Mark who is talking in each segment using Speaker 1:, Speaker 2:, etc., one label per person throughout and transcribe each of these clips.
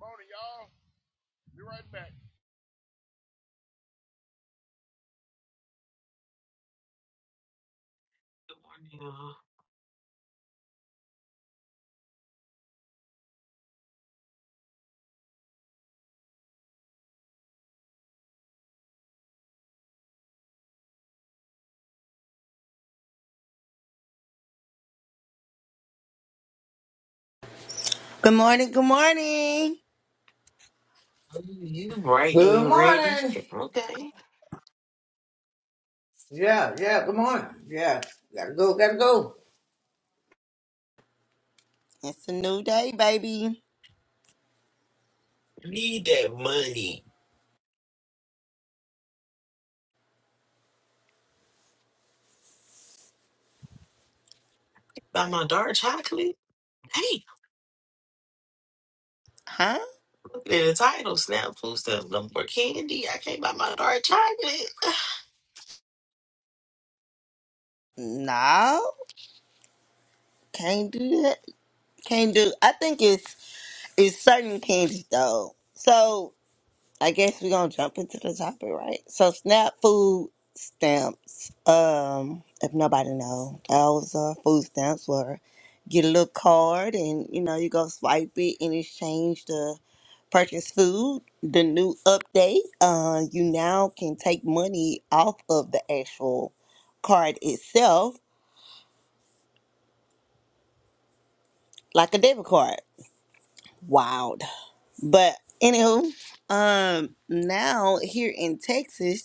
Speaker 1: Morning, y'all. Be right back.
Speaker 2: Yeah.
Speaker 3: Good morning, good morning.
Speaker 2: You bright
Speaker 4: Good
Speaker 2: and ready.
Speaker 4: morning.
Speaker 2: Okay.
Speaker 4: Yeah, yeah, good morning. Yeah, gotta go, gotta go.
Speaker 3: It's a new day, baby.
Speaker 2: Need that money. Buy my dark chocolate. Hey,
Speaker 3: Huh?
Speaker 2: look at the title. Snap food stuff. No more candy. I can't buy my dark chocolate.
Speaker 3: No, can't do that. Can't do. I think it's it's certain candies though. So I guess we're gonna jump into the topic, right? So SNAP food stamps. Um, if nobody know, those uh, food stamps were get a little card and you know you go swipe it in exchange to purchase food. The new update, uh, you now can take money off of the actual card itself, like a debit card. Wild, but anywho, um, now here in Texas.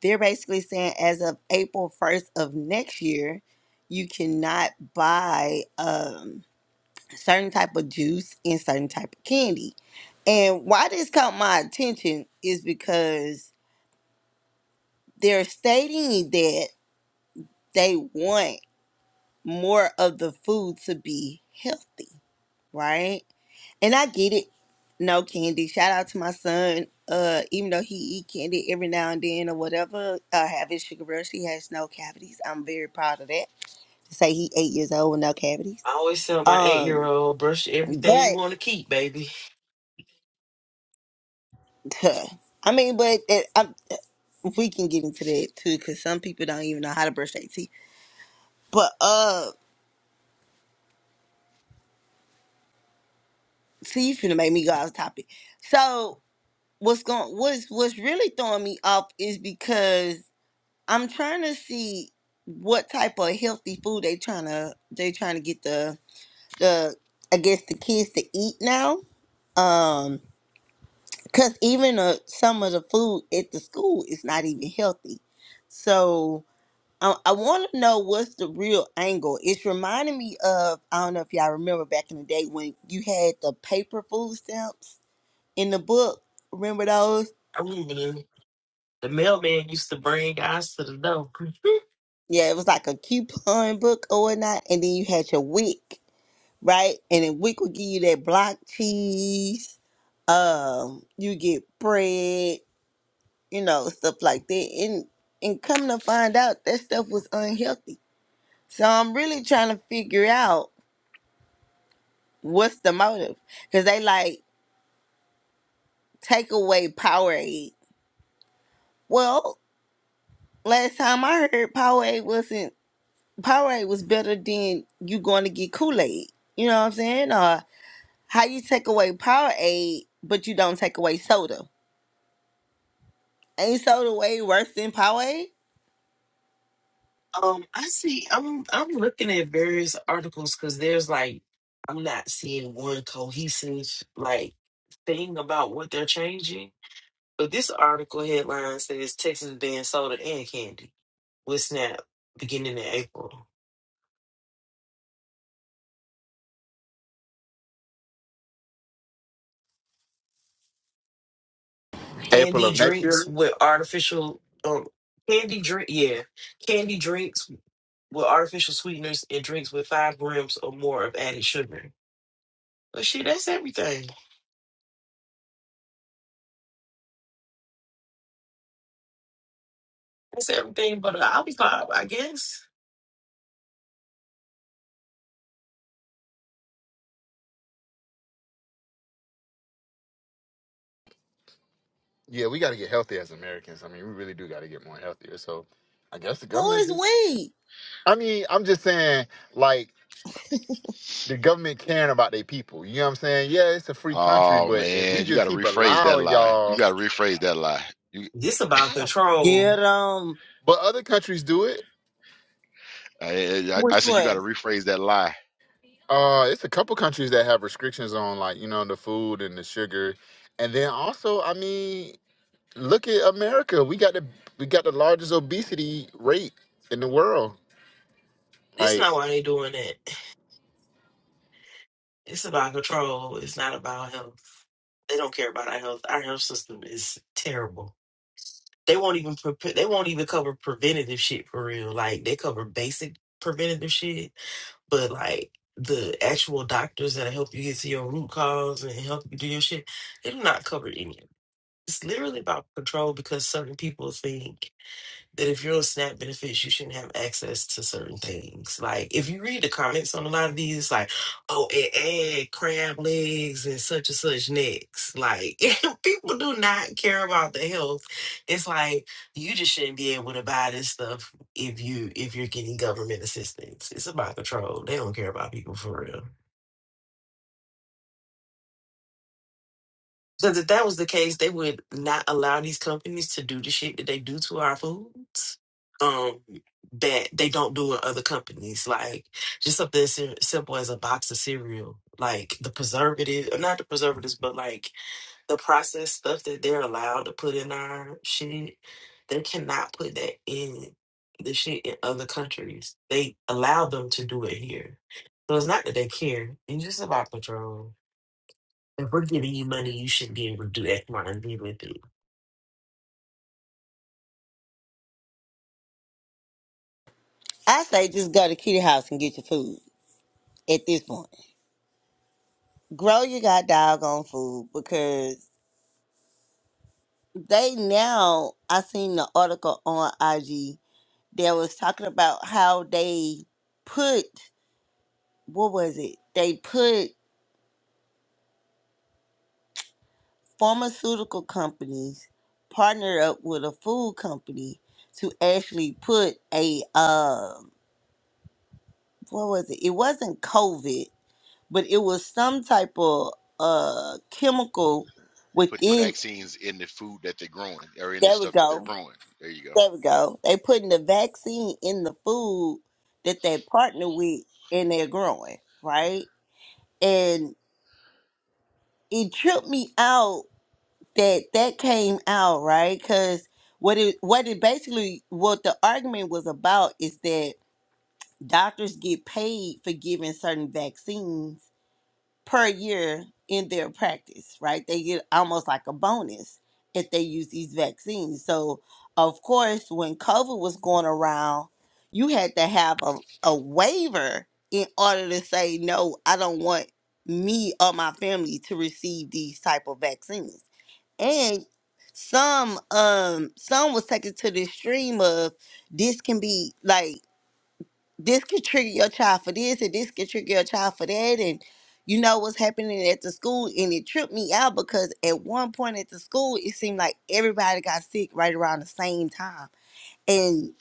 Speaker 3: They're basically saying as of April 1st of next year, you cannot buy um, certain type of juice and certain type of candy. And why this caught my attention is because they're stating that they want more of the food to be healthy, right? And I get it. No candy. Shout out to my son. Uh, even though he eat candy every now and then or whatever, uh, have his sugar rush, he has no cavities. I'm very proud of that. to say he eight years old with no cavities.
Speaker 2: I always tell my eight year
Speaker 3: Um,
Speaker 2: old, brush everything you
Speaker 3: but
Speaker 2: want to keep, baby.
Speaker 3: huh, I mean, but it, I, we can get into that too because some people don't even know how to brush their teeth. But uh, see, you finna make me go off topic. So what's going? What's what's really throwing me off is because I'm trying to see what type of healthy food they trying to they trying to get the the I guess the kids to eat now. Um Cause even uh, some of the food at the school is not even healthy. So I, I want to know what's the real angle. It's reminding me of I don't know if y'all remember back in the day when you had the paper food stamps in the book. Remember those?
Speaker 2: I remember the, the mailman used to bring guys to the door.
Speaker 3: Yeah, it was like a coupon book or whatnot, and then you had your wick, right? And then wick would give you that block cheese. Um, you get bread you know, stuff like that. And and come to find out that stuff was unhealthy. So I'm really trying to figure out what's the motive. Cause they like take away Powerade. Well, last time I heard Powerade wasn't Powerade was better than you going to get Kool-Aid. You know what I'm saying? Or how you take away Powerade but you don't take away soda. Ain't soda way worse than Powerade?
Speaker 2: um, I see. I'm I'm looking at various articles because there's like I'm not seeing one cohesive like thing about what they're changing. So this article headline says Texas bans soda and candy with SNAP beginning in April.
Speaker 5: April
Speaker 2: Candy
Speaker 5: of next
Speaker 2: drinks
Speaker 5: year.
Speaker 2: with artificial um candy drink yeah candy drinks with artificial sweeteners and drinks with five grams or more of added sugar. But shit, that's everything. That's everything but an apple pie, I guess.
Speaker 5: Yeah, we got to get healthy as Americans. I mean, we really do got to get more healthier. So, I guess the
Speaker 3: Who
Speaker 5: government
Speaker 3: is
Speaker 5: just.
Speaker 3: we?
Speaker 5: I mean, I'm just saying, like the government caring about their people. You know what I'm saying? Yeah, it's a free country,
Speaker 1: Oh
Speaker 5: but if we
Speaker 1: man, you got
Speaker 5: just
Speaker 1: to
Speaker 5: keep
Speaker 1: rephrase that
Speaker 5: allowing
Speaker 1: lie. You
Speaker 5: y'all,
Speaker 1: got to rephrase that lie. You,
Speaker 2: This about
Speaker 5: but
Speaker 2: control.
Speaker 3: Get Um.
Speaker 5: other countries do it.
Speaker 1: I, I, I
Speaker 3: Which
Speaker 1: said you
Speaker 3: one?
Speaker 1: got to rephrase that lie.
Speaker 5: Uh, it's a couple countries that have restrictions on like you know the food and the sugar, and then also, I mean, look at America. We got the we got the largest obesity rate in the world.
Speaker 2: This
Speaker 5: like.
Speaker 2: not why they doing that. It's about control. It's not about health. They don't care about our health. Our health system is terrible. They won't even pre- they won't even cover preventative shit for real. Like they cover basic preventative shit, but like the actual doctors that help you get to your root cause and help you do your shit, they do not cover any of it. It's literally about control because certain people think that if you're on SNAP benefits, you shouldn't have access to certain things. Like if you read the comments on a lot of these, it's like, oh, it add crab legs and such and such necks. Like people do not care about the health. It's like you just shouldn't be able to buy this stuff if you if you're getting government assistance. It's about control. They don't care about people for real. Because if that was the case, they would not allow these companies to do the shit that they do to our foods. Um, that they don't do in other companies, like just something as sim- simple as a box of cereal, like the preservative, not the preservatives, but like the processed stuff that they're allowed to put in our shit. They cannot put that in the shit in other countries. They allow them to do it here, so it's not that they care. It's just about control. If we're giving you money, you should be able to do X, Y, and Z with it.
Speaker 3: I say just go to Kitty House and get your food at this point. Grow your god doggone food because they now I seen the article on IG that was talking about how they put what was it? They put pharmaceutical companies partner up with a food company to actually put a uh what was it? It wasn't COVID, but it was some type of uh chemical
Speaker 1: They put the
Speaker 3: within
Speaker 1: vaccines in the food that they're growing, or in the
Speaker 3: There we
Speaker 1: stuff that they're
Speaker 3: go.
Speaker 1: growing. There you go.
Speaker 3: There we go. They putting the vaccine in the food that they partner with and they're growing, right? And it tripped me out that that came out, right? Cuz what it what it basically what the argument was about is that doctors get paid for giving certain vaccines per year in their practice, right? They get almost like a bonus if they use these vaccines. So, of course, when COVID was going around, you had to have a, a waiver in order to say, no, I don't want me or my family to receive these type of vaccines. And some um some was taken to the extreme of this can be like this could trigger your child for this and this could trigger your child for that and you know what's happening at the school and it tripped me out because at one point at the school it seemed like everybody got sick right around the same time and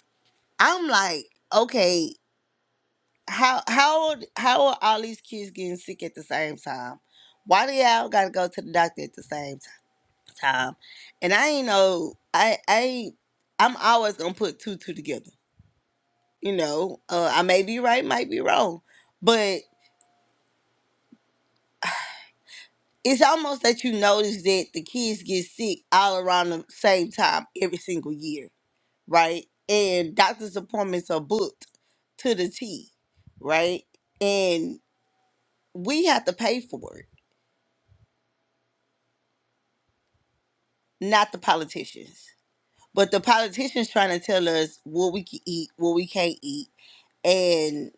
Speaker 3: i'm like okay how how old- how are all these kids getting sick at the same time why do y'all gotta go to the doctor at the same ti- time and i ain't know i i ain't- i'm always gonna put two two together you know uh, i may be right might be wrong but it's almost that you notice that the kids get sick all around the same time every single year, right? And doctor's appointments are booked to the T, right? And we have to pay for it, not the politicians. But the politicians trying to tell us what we can eat, what we can't eat, and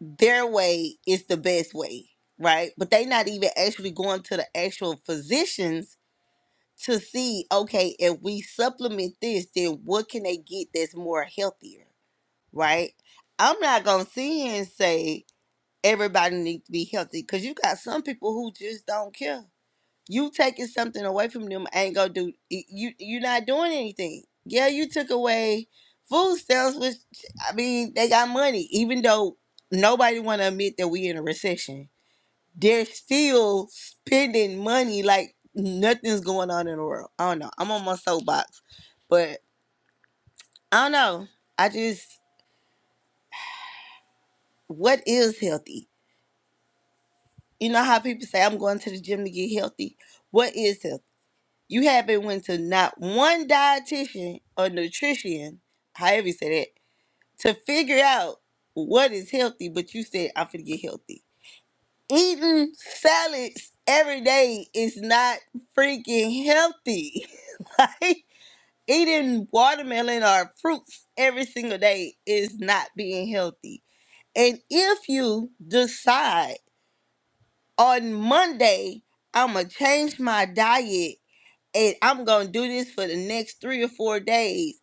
Speaker 3: their way is the best way, right? But they not even actually going to the actual physicians to see okay if we supplement this then what can they get that's more healthier right i'm not gonna sit here and say everybody needs to be healthy because you got some people who just don't care you taking something away from them ain't gonna do y- you you're not doing anything yeah you took away food stamps which i mean they got money even though nobody want to admit that we in a recession they're still spending money like nothing's going on in the world. I don't know. I'm on my soapbox, but I don't know. I just, what is healthy? You know how people say, I'm going to the gym to get healthy? What is healthy? You haven't went to not one dietitian or nutrition, however you say that, to figure out what is healthy, but you said, I'm going to get healthy. Eating salads every day is not freaking healthy. eating watermelon or fruits every single day is not being healthy. And if you decide on Monday, I'm going to change my diet and I'm going to do this for the next three or four days,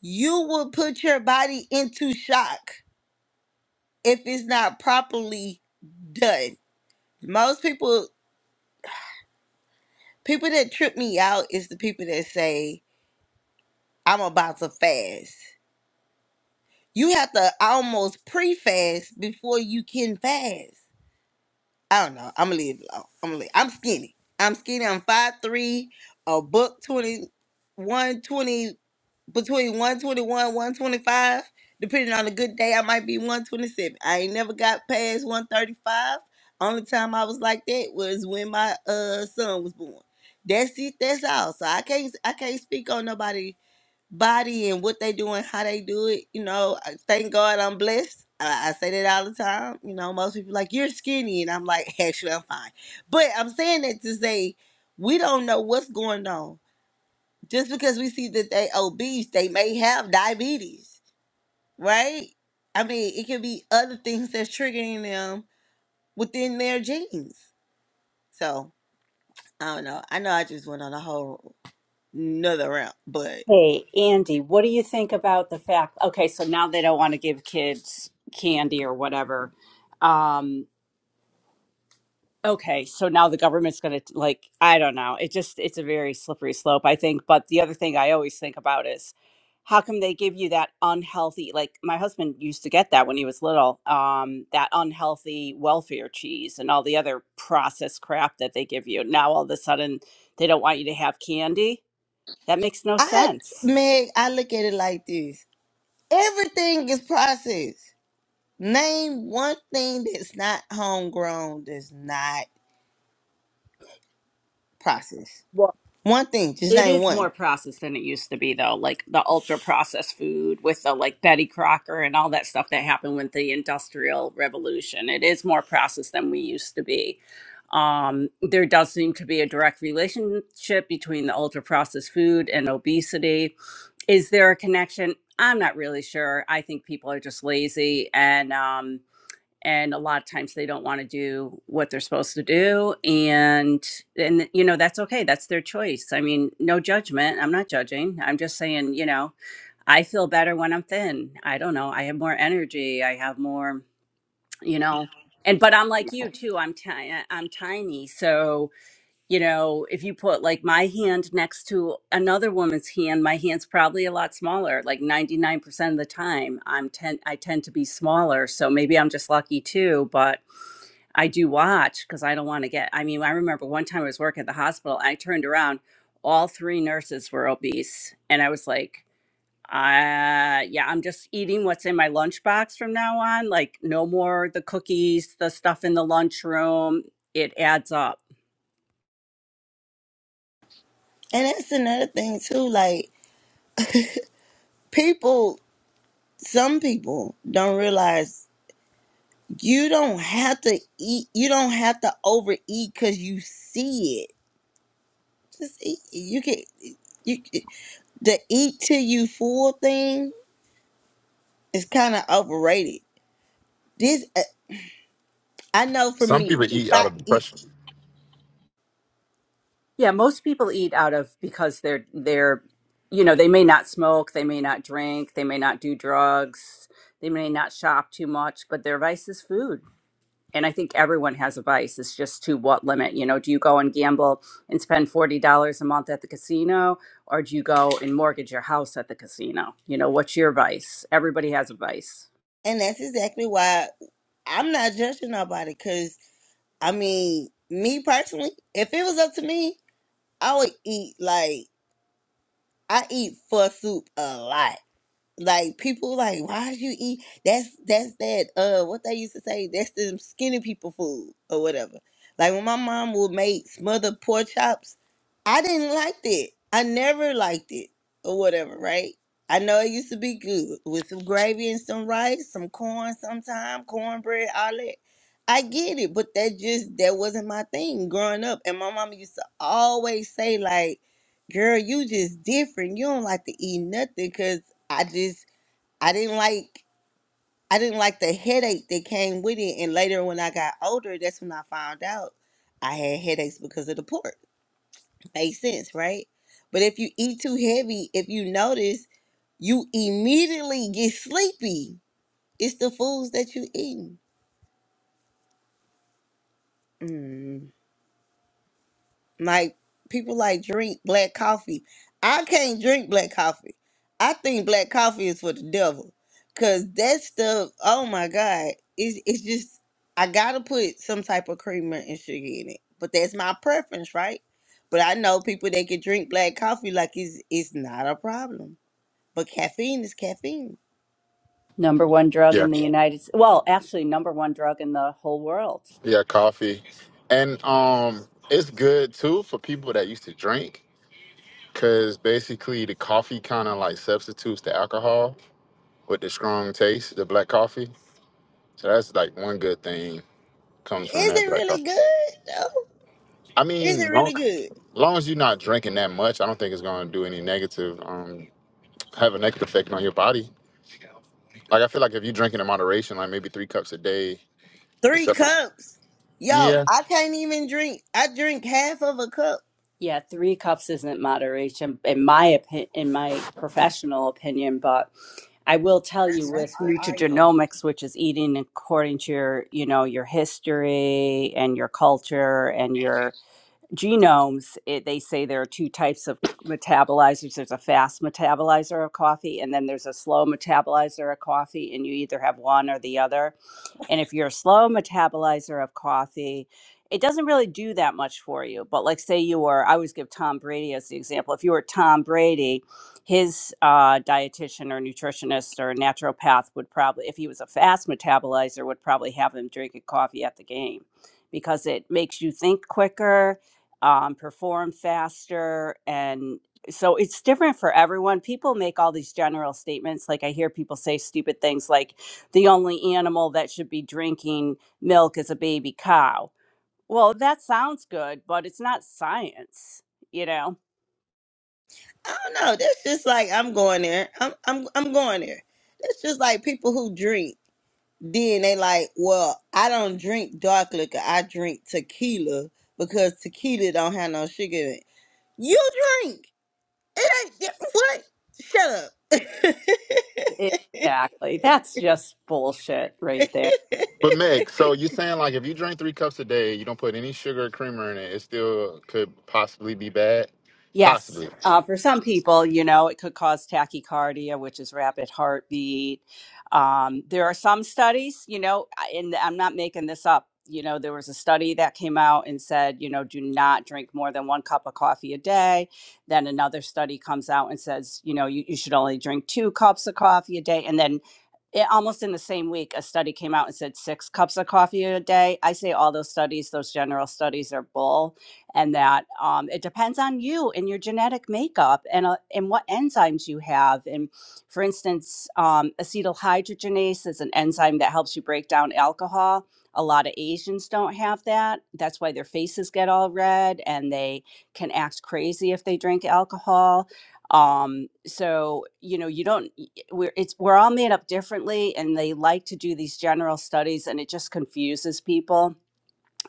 Speaker 3: you will put your body into shock if it's not properly done. Most people, people that trip me out is the people that say, I'm about to fast. You have to almost pre-fast before you can fast. I don't know. I'm gonna leave it I'm gonna leave. I'm skinny. I'm skinny. I'm five three, a buck twenty, one twenty, between 121, 125. Depending on a good day, I might be 127. I ain't never got past 135. Only time I was like that was when my uh son was born. That's it, that's all. So I can't I can't speak on nobody body and what they do and how they do it. You know, I- thank God I'm blessed. I, I say that all the time. You know, most people like you're skinny, and I'm like, actually, I'm fine. But I'm saying that to say we don't know what's going on. Just because we see that they obese, they may have diabetes, right? I mean, it could be other things that's triggering them within their genes. So I don't know. I know I just went on a whole another round, but
Speaker 6: Hey, Andy, what do you think about the fact? Okay, so now they don't want to give kids candy or whatever. Um, okay, so now the government's going to like I don't know. It just it's a very slippery slope, I think. But the other thing I always think about is how come they give you that unhealthy? Like my husband used to get that when he was little. Um, that unhealthy welfare cheese and all the other processed crap that they give you. Now all of a sudden they don't want you to have candy. That makes no
Speaker 3: I,
Speaker 6: sense.
Speaker 3: Meg, I look at it like this. Everything is processed. Name one thing that's not homegrown, that's not processed. One thing, just
Speaker 6: It
Speaker 3: name
Speaker 6: is
Speaker 3: one.
Speaker 6: more processed than it used to be, though. Like the ultra processed food with the like Betty Crocker and all that stuff that happened with the Industrial Revolution. It is more processed than we used to be. Um, there does seem to be a direct relationship between the ultra processed food and obesity. Is there a connection? I'm not really sure. I think people are just lazy and, um, and a lot of times they don't want to do what they're supposed to do and and you know that's okay that's their choice i mean no judgment i'm not judging i'm just saying you know i feel better when i'm thin i don't know i have more energy i have more you know and but i'm like you too i'm ti- uh, i'm tiny so you know if you put like my hand next to another woman's hand my hand's probably a lot smaller like 99% of the time i'm ten i tend to be smaller so maybe i'm just lucky too but I do watch because I don't want to get. I mean, I remember one time I was working at the hospital. I turned around, all three nurses were obese, and I was like, uh, "Yeah, I'm just eating what's in my lunchbox from now on. Like, no more the cookies, the stuff in the lunchroom. It adds up."
Speaker 3: And that's another thing too. Like people, some people don't realize you don't have to eat. You don't have to overeat because you see it. Just eat. You can. You the eat till you full thing is kind of overrated. This uh, I know for
Speaker 5: Some
Speaker 3: me.
Speaker 5: people
Speaker 3: If
Speaker 5: eat out
Speaker 3: I
Speaker 5: of
Speaker 3: eat,
Speaker 5: depression.
Speaker 6: Yeah, most people eat out of because they're they're you know, they may not smoke, they may not drink, they may not do drugs, they may not shop too much, but their vice is food. and I think everyone has a vice. It's just to what limit? You know, do you go and gamble and spend forty dollars a month at the casino, or do you go and mortgage your house at the casino? You know, what's your vice? Everybody has a vice.
Speaker 3: and that's exactly why. I'm not judging nobody because I mean, me personally, if it was up to me, I would eat like I eat pho soup a lot like people like why would you eat that's that's that uh what they used to say that's the skinny people food or whatever like when my mom would make smothered pork chops i didn't like that i never liked it or whatever right i know it used to be good with some gravy and some rice some corn sometime cornbread all that i get it but that just that wasn't my thing growing up and my mom used to always say like girl you just different you don't like to eat nothing because I just I didn't like I didn't like the headache that came with it. And later when I got older, that's when I found out I had headaches because of the pork. Makes sense, right? But if you eat too heavy, if you notice, you immediately get sleepy. It's the foods that you eating. Like people like drink black coffee. I can't drink black coffee. I think black coffee is for the devil. Cause that stuff, oh my God. It's it's just I gotta put some type of creamer and sugar in it. But that's my preference, right? But I know people that can drink black coffee like it's it's not a problem. But caffeine is caffeine.
Speaker 6: Number one drug
Speaker 5: Yeah,
Speaker 6: in the United States. Well, actually, number one drug in the whole world.
Speaker 5: yeah, coffee, and um, it's good too for people that used to drink because basically the coffee kind of like substitutes the alcohol with the strong taste, the black coffee. So that's like one good thing comes from
Speaker 3: Is
Speaker 5: that
Speaker 3: it
Speaker 5: black
Speaker 3: really
Speaker 5: coffee.
Speaker 3: good though?
Speaker 5: I
Speaker 3: Is it
Speaker 5: mean,
Speaker 3: really
Speaker 5: long,
Speaker 3: good?
Speaker 5: long as you're not drinking that much, I don't think it's gonna do any negative, um, have a negative effect on your body. Like I feel like if you're drinking in moderation, like maybe three cups a day, it's
Speaker 3: Three
Speaker 5: separate.
Speaker 3: cups. Yo,
Speaker 5: Yeah.
Speaker 3: I can't even drink. I drink half of a cup
Speaker 6: Yeah, three cups isn't moderation, in my opinion, in my professional opinion. But I will tell you with
Speaker 3: That's wild.
Speaker 6: nutrigenomics, which is eating according to your, you know, your history and your culture and your genomes, it, they say there are two types of metabolizers. There's a fast metabolizer of coffee, and then there's a slow metabolizer of coffee, and you either have one or the other. And if you're a slow metabolizer of coffee, it doesn't really do that much for you. But like, say you were, I always give Tom Brady as the example. If you were Tom Brady, his uh, dietitian or nutritionist or naturopath would probably, if he was a fast metabolizer, would probably have him drinking coffee at the game because it makes you think quicker um, perform faster. And so it's different for everyone. People make all these general statements. Like I hear people say stupid things like the only animal that should be drinking milk is a baby cow. Well, that sounds good, but it's not science, you know?
Speaker 3: I don't know. That's just like I'm going there. I'm I'm I'm going there. That's just like people who drink. Then they like, well, I don't drink dark liquor. I drink tequila because tequila don't have no sugar in it. You drink. It ain't yeah, what? Shut
Speaker 6: Exactly. That's just bullshit right there.
Speaker 3: up.
Speaker 5: But Meg, so you're saying like if you drink three cups a day, you don't put any sugar or creamer in it, it still could possibly be bad?
Speaker 6: Yes.
Speaker 5: Possibly.
Speaker 6: Uh, for some people, you know, it could cause tachycardia, which is rapid heartbeat. Um, there are some studies, you know, I- and I'm not making this up. You know, there was a study that came out and said, you know, do not drink more than one cup of coffee a day. Then another study comes out and says, you know, you, you should only drink two cups of coffee a day. And then it, almost in the same week, a study came out and said six cups of coffee a day. I say all those studies, those general studies are bull and that um, it depends on you and your genetic makeup and uh, and what enzymes you have. And for instance, um, acetyl is an enzyme that helps you break down alcohol. A lot of Asians don't have that. That's why their faces get all red and they can act crazy if they drink alcohol. Um, so you know, you don't. y- We're it's we're all made up differently, and they like to do these general studies, and it just confuses people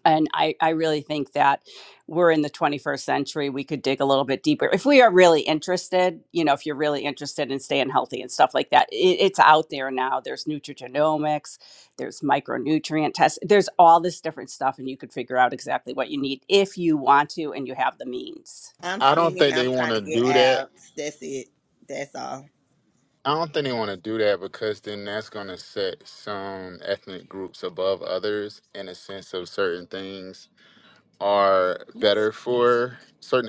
Speaker 6: and I, I really think that we're in the 21st century we could dig a little bit deeper if we are really interested you know if you're really interested in staying healthy and stuff like that it, it's out there now there's nutrigenomics there's micronutrient tests there's all this different stuff and you could figure out exactly what you need if you want to and you have the means
Speaker 3: I'm
Speaker 5: I don't
Speaker 3: skinny and
Speaker 5: think they
Speaker 3: I'm
Speaker 5: want
Speaker 3: trying to
Speaker 5: to
Speaker 3: get
Speaker 5: do that.
Speaker 3: abs. That's it. That's all.
Speaker 5: I don't think they want to do that because then that's going to set some ethnic groups above others in a sense of certain things are better for certain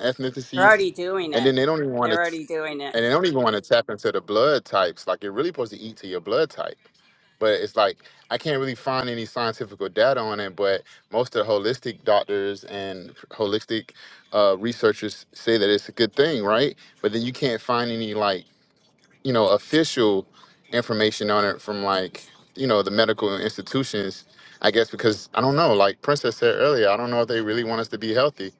Speaker 6: they're
Speaker 5: ethnicities.
Speaker 6: already doing
Speaker 5: And
Speaker 6: it
Speaker 5: then they don't even want
Speaker 6: they're
Speaker 5: to
Speaker 6: already doing it
Speaker 5: and they don't even want to tap into the blood types. Like you're really supposed to eat to your blood type. But it's like I can't really find any scientific data on it. But most of the holistic doctors and holistic uh, researchers say that it's a good thing, right? But then you can't find any like you know official information on it from like you know the medical institutions. I guess because I don't know. Like Princess said earlier, I don't know if they really want us to be healthy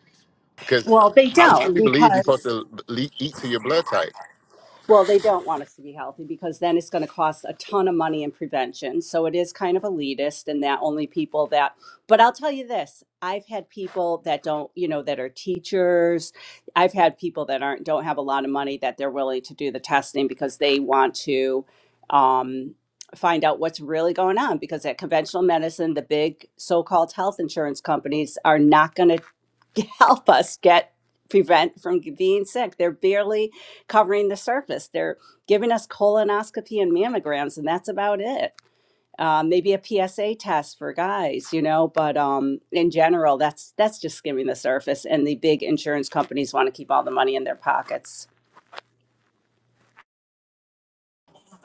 Speaker 5: because
Speaker 6: well
Speaker 5: I,
Speaker 6: they
Speaker 5: I
Speaker 6: don't
Speaker 5: truly believe
Speaker 6: because
Speaker 5: you're supposed to le- eat to your blood type.
Speaker 6: Well, they don't want us to be healthy because then it's going to cost a ton of money in prevention. So it is kind of elitist and that only people that, but I'll tell you this I've had people that don't, you know, that are teachers. I've had people that aren't, don't have a lot of money that they're willing to do the testing because they want to, um, find out what's really going on because at conventional medicine the big so-called health insurance companies are not going to help us get prevent from being sick they're barely covering the surface. They're giving us colonoscopy and mammograms, and that's about it. Um, maybe a PSA test for guys, you know, but um, in general, that's that's just skimming the surface. And the big insurance companies want to keep all the money in their pockets.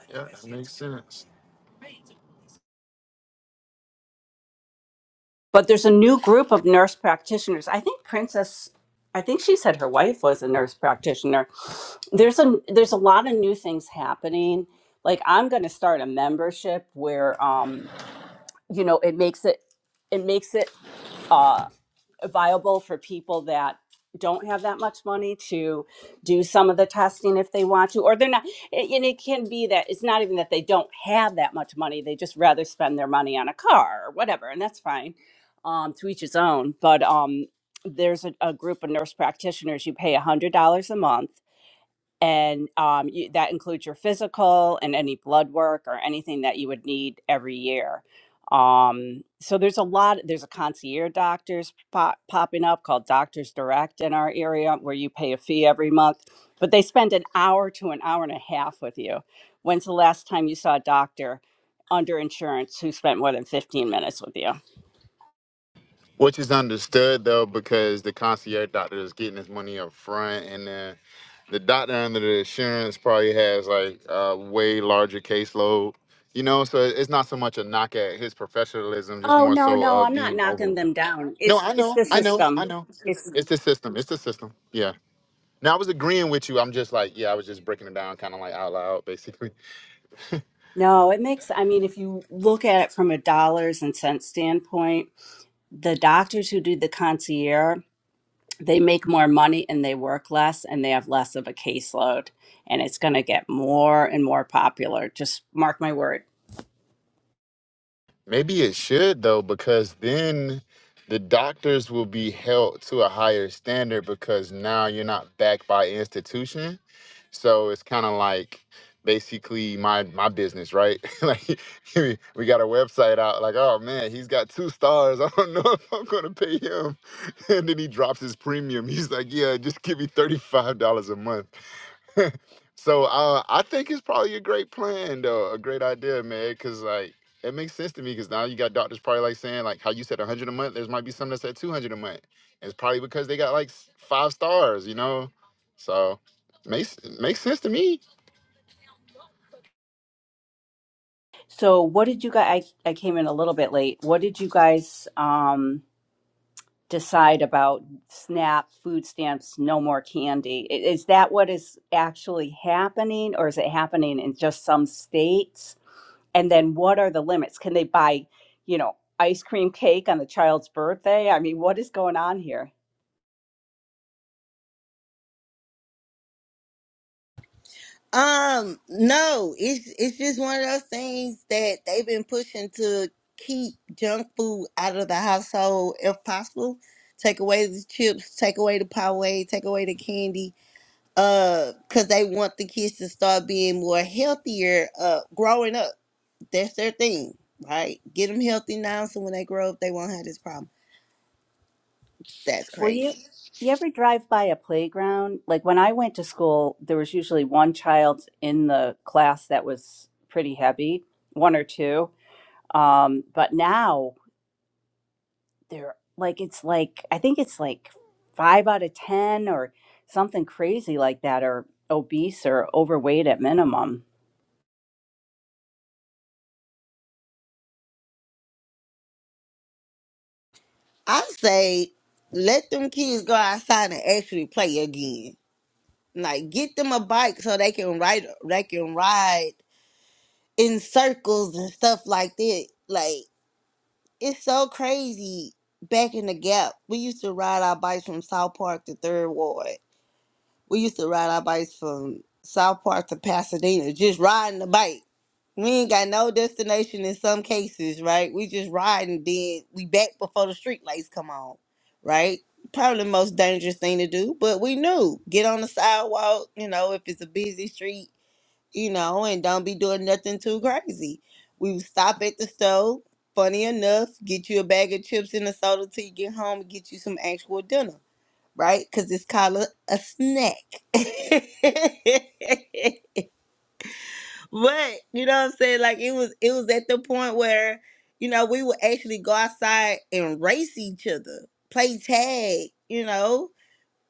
Speaker 5: Yeah, that makes sense.
Speaker 6: But there's a new group of nurse practitioners. I think Princess, I think she said her wife was a nurse practitioner. There's a there's a lot of new things happening. Like I'm going to start a membership where, um, you know, it makes it it makes it. Uh, viable for people that don't have that much money to do some of the testing if they want to or they're not a- and it can be that it's not even that they don't have that much money they just rather spend their money on a car or whatever and that's fine um, to each his own but um, there's a, a group of nurse practitioners you pay $100 a month and um, you, that includes your physical and any blood work or anything that you would need every year. Um, so there's a lot. There's a concierge doctors pop, popping up called Doctors Direct in our area, where you pay a fee every month, but they spend an hour to an hour and a half with you. When's the last time you saw a doctor? under insurance who spent more than 15 minutes with you.
Speaker 5: Which is understood though, because the concierge doctor is getting his money up front, and then the doctor under the insurance probably has like a way larger caseload. You know, so it's not so much a knock at his professionalism, just
Speaker 6: Oh
Speaker 5: more
Speaker 6: no,
Speaker 5: so
Speaker 6: no, I'm
Speaker 5: of
Speaker 6: not
Speaker 5: being. Oh,
Speaker 6: knocking them down.
Speaker 5: no,
Speaker 6: It's
Speaker 5: I
Speaker 6: it's
Speaker 5: know,
Speaker 6: the
Speaker 5: I know, I
Speaker 6: system.
Speaker 5: know.
Speaker 6: It's
Speaker 5: It's the system. It's the system. Yeah. Now I was agreeing with you. I'm just like, yeah, I was just breaking it down, kind of like out loud, basically.
Speaker 6: no, it makes I mean if you look at it from a dollars and cents standpoint, the doctors who do the concierge they make more money and they work less and they have less of a caseload and it's going to get more and more popular just mark my word
Speaker 5: Maybe it should though, because then the doctors will be held to a higher standard because now you're not backed by institution. So it's kind of like basically my my business, right? like we we got a website out, like, oh man, he's got two stars. I don't know if I'm gonna pay him. And then he drops his premium. He's like, yeah, just give me $35 a month. so uh, I think it's probably a great plan, though, a great idea, man. Because like it makes sense to me. Because now you got doctors probably like saying like how you said 100 a month. There's might be some that said 200 a month. It's probably because they got like s- five stars, you know. So makes makes sense to me.
Speaker 6: so what did you guys I, I came in a little bit late what did you guys um decide about snap food stamps no more candy I- is that what is actually happening or is it happening in just some states and then what are the limits can they buy you know ice cream cake on the child's birthday i mean what is going on here
Speaker 3: Um, no, it's it's just one of those things that they've been pushing to keep junk food out of the household if possible. Take away the chips, take away the Poway, take away the candy, uh, because they want the kids to start being more healthier, uh, growing up. That's their thing, right? Get them healthy now so when they grow up, they won't have this problem. That's
Speaker 6: Well, you
Speaker 3: crazy.
Speaker 6: you ever drive by a playground? Like when I went to school, there was usually one child in the class that was pretty heavy, one or two. Um, but now they're like it's like I think it's like five out of ten or something crazy like that, or obese or overweight at minimum.
Speaker 3: I say let them kids go outside and actually play again like get them a bike so they can ride they can ride in circles and stuff like that. Like it's so crazy back in the gap. We used to ride our bikes from South Park to Third Ward. We used to ride our bikes from South Park to Pasadena, just riding the bike. We ain't got no destination in some cases, right? We just riding, then we back before the street lights come on, right? Probably the most dangerous thing to do, but we knew get on the sidewalk, you know, if it's a busy street, you know, and don't be doing nothing too crazy. We would stop at the store, funny enough, get you a bag of chips and a soda till you get home and get you some actual dinner right? Because it's called a, a snack. but you know what I'm saying? Like it was, it was at the point where you know we would actually go outside and race each other, play tag, you know,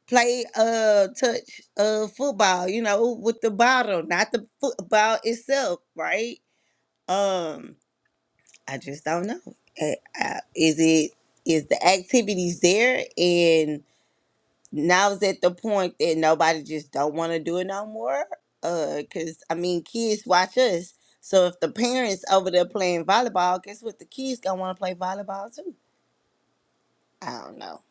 Speaker 3: play uh touch uh football, you know, with the bottle, not the football itself, right? Um, I just don't know. Uh, uh, Is it is the activities there and now it's at the point that nobody just don't want to do it no more. Uh, cause I mean, kids watch us. So if the parents over there playing volleyball, guess what? The kids gonna want to play volleyball too. I don't know.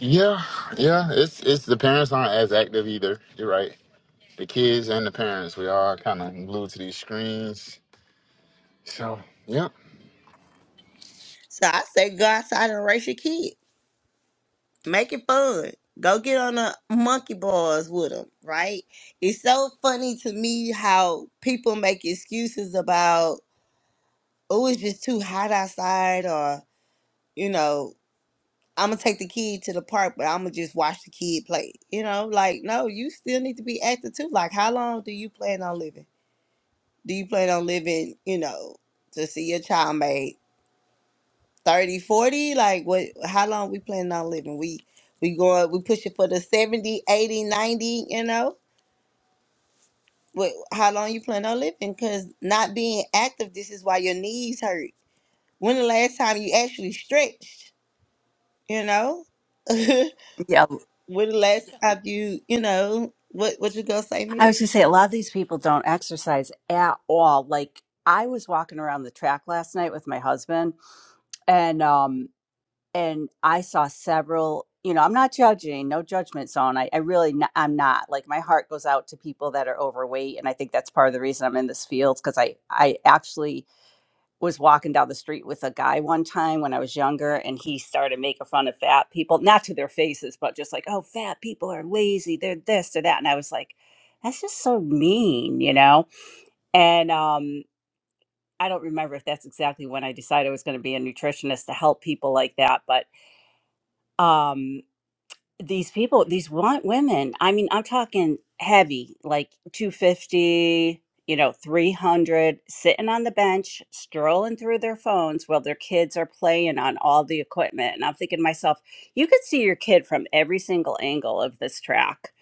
Speaker 5: Yeah, yeah. It's it's the parents aren't as active either. You're right. The kids and the parents, we are kind of glued to these screens. So yeah,
Speaker 3: So I say go outside and race your kid. Make it fun. Go get on the monkey bars with them. Right? It's so funny to me how people make excuses about oh it's just too hot outside or you know I'm gonna take the kid to the park, but I'm gonna just watch the kid play. You know, like no, you still need to be active too. Like, how long do you plan on living? Do you plan on living? You know, to see your child made 30, 40? Like, what? How long we planning on living? We we going we pushing for the 70, 80, 90. You know, what? How long you plan on living? Because not being active, this is why your knees hurt. When the last time you actually stretched? You know,
Speaker 6: Yeah,
Speaker 3: When the last time you, you know, what what you gonna say,
Speaker 6: I
Speaker 3: Mick?
Speaker 6: was gonna say a lot of these people don't exercise at all. Like I was walking around the track last night with my husband, and um and I saw several. You know, I'm not judging, no judgment zone. I, I really, n- I'm not. Like, my heart goes out to people that are overweight, and I think that's part of the reason I'm in this field because I, I actually was walking down the street with a guy one time when I was younger, and he started making fun of fat people, not to their faces, but just like, oh, fat people are lazy, they're this or that, and I was like, that's just so mean, you know. And um, I don't remember if that's exactly when I decided I was going to be a nutritionist to help people like that, but um these people, these want women. I mean, I'm talking heavy, like 250, you know, 300, sitting on the bench, strolling through their phones while their kids are playing on all the equipment. And I'm thinking to myself, you could see your kid from every single angle of this track.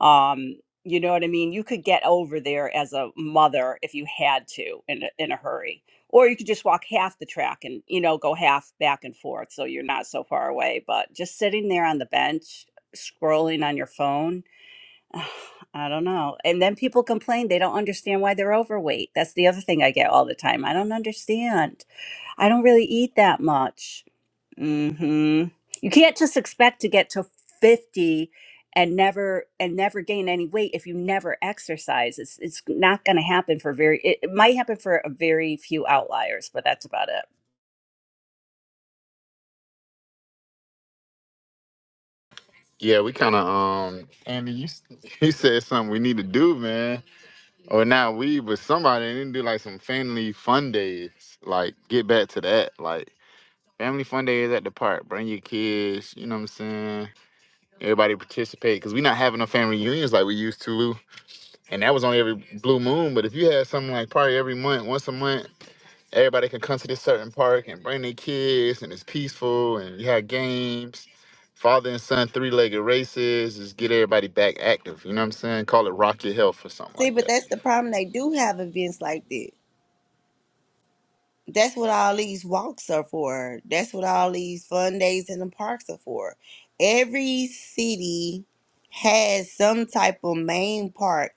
Speaker 6: Um, you know what I mean? You could get over there as a mother if you had to in a, in a hurry. Or you could just walk half the track and, you know, go half back and forth so you're not so far away. But just sitting there on the bench scrolling on your phone. I don't know. And then people complain they don't understand why they're overweight. That's the other thing I get all the time. I don't understand. I don't really eat that much. hmm You can't just expect to get to 50 and never and never gain any weight if you never exercise. It's it's not going to happen for very it, it might happen for a very few outliers, but that's about it.
Speaker 5: yeah. We kind of um. Andy, you s- you said something we need to do, man. Or now we with somebody and then do like some family fun days. Like get back to that. Like family fun days at the park. Bring your kids. You know what I'm saying? Everybody participate because we not having no family reunions like we used to. And that was on every blue moon. But if you had something like probably every month, once a month, everybody can come to this certain park and bring their kids and it's peaceful and you have games. Father and son three legged races. Just get everybody back active. You know what I'm saying? Call it Rock Your Health or something
Speaker 3: See,
Speaker 5: like
Speaker 3: but
Speaker 5: that.
Speaker 3: that's the problem. They do have events like that. That's what all these walks are for. That's what all these fun days in the parks are for. Every city has some type of main park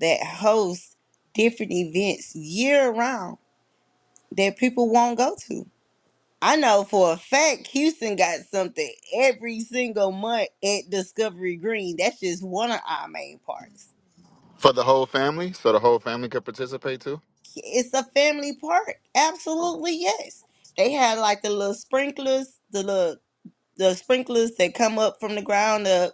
Speaker 3: that hosts different events year round that people won't go to. I know for a fact Houston got something every single month at Discovery Green. That's just one of our main parks.
Speaker 5: for the whole family, so the whole family could participate too.
Speaker 3: It's a family park. Absolutely, yes. They had like the little sprinklers, the little the sprinklers that come up from the ground up.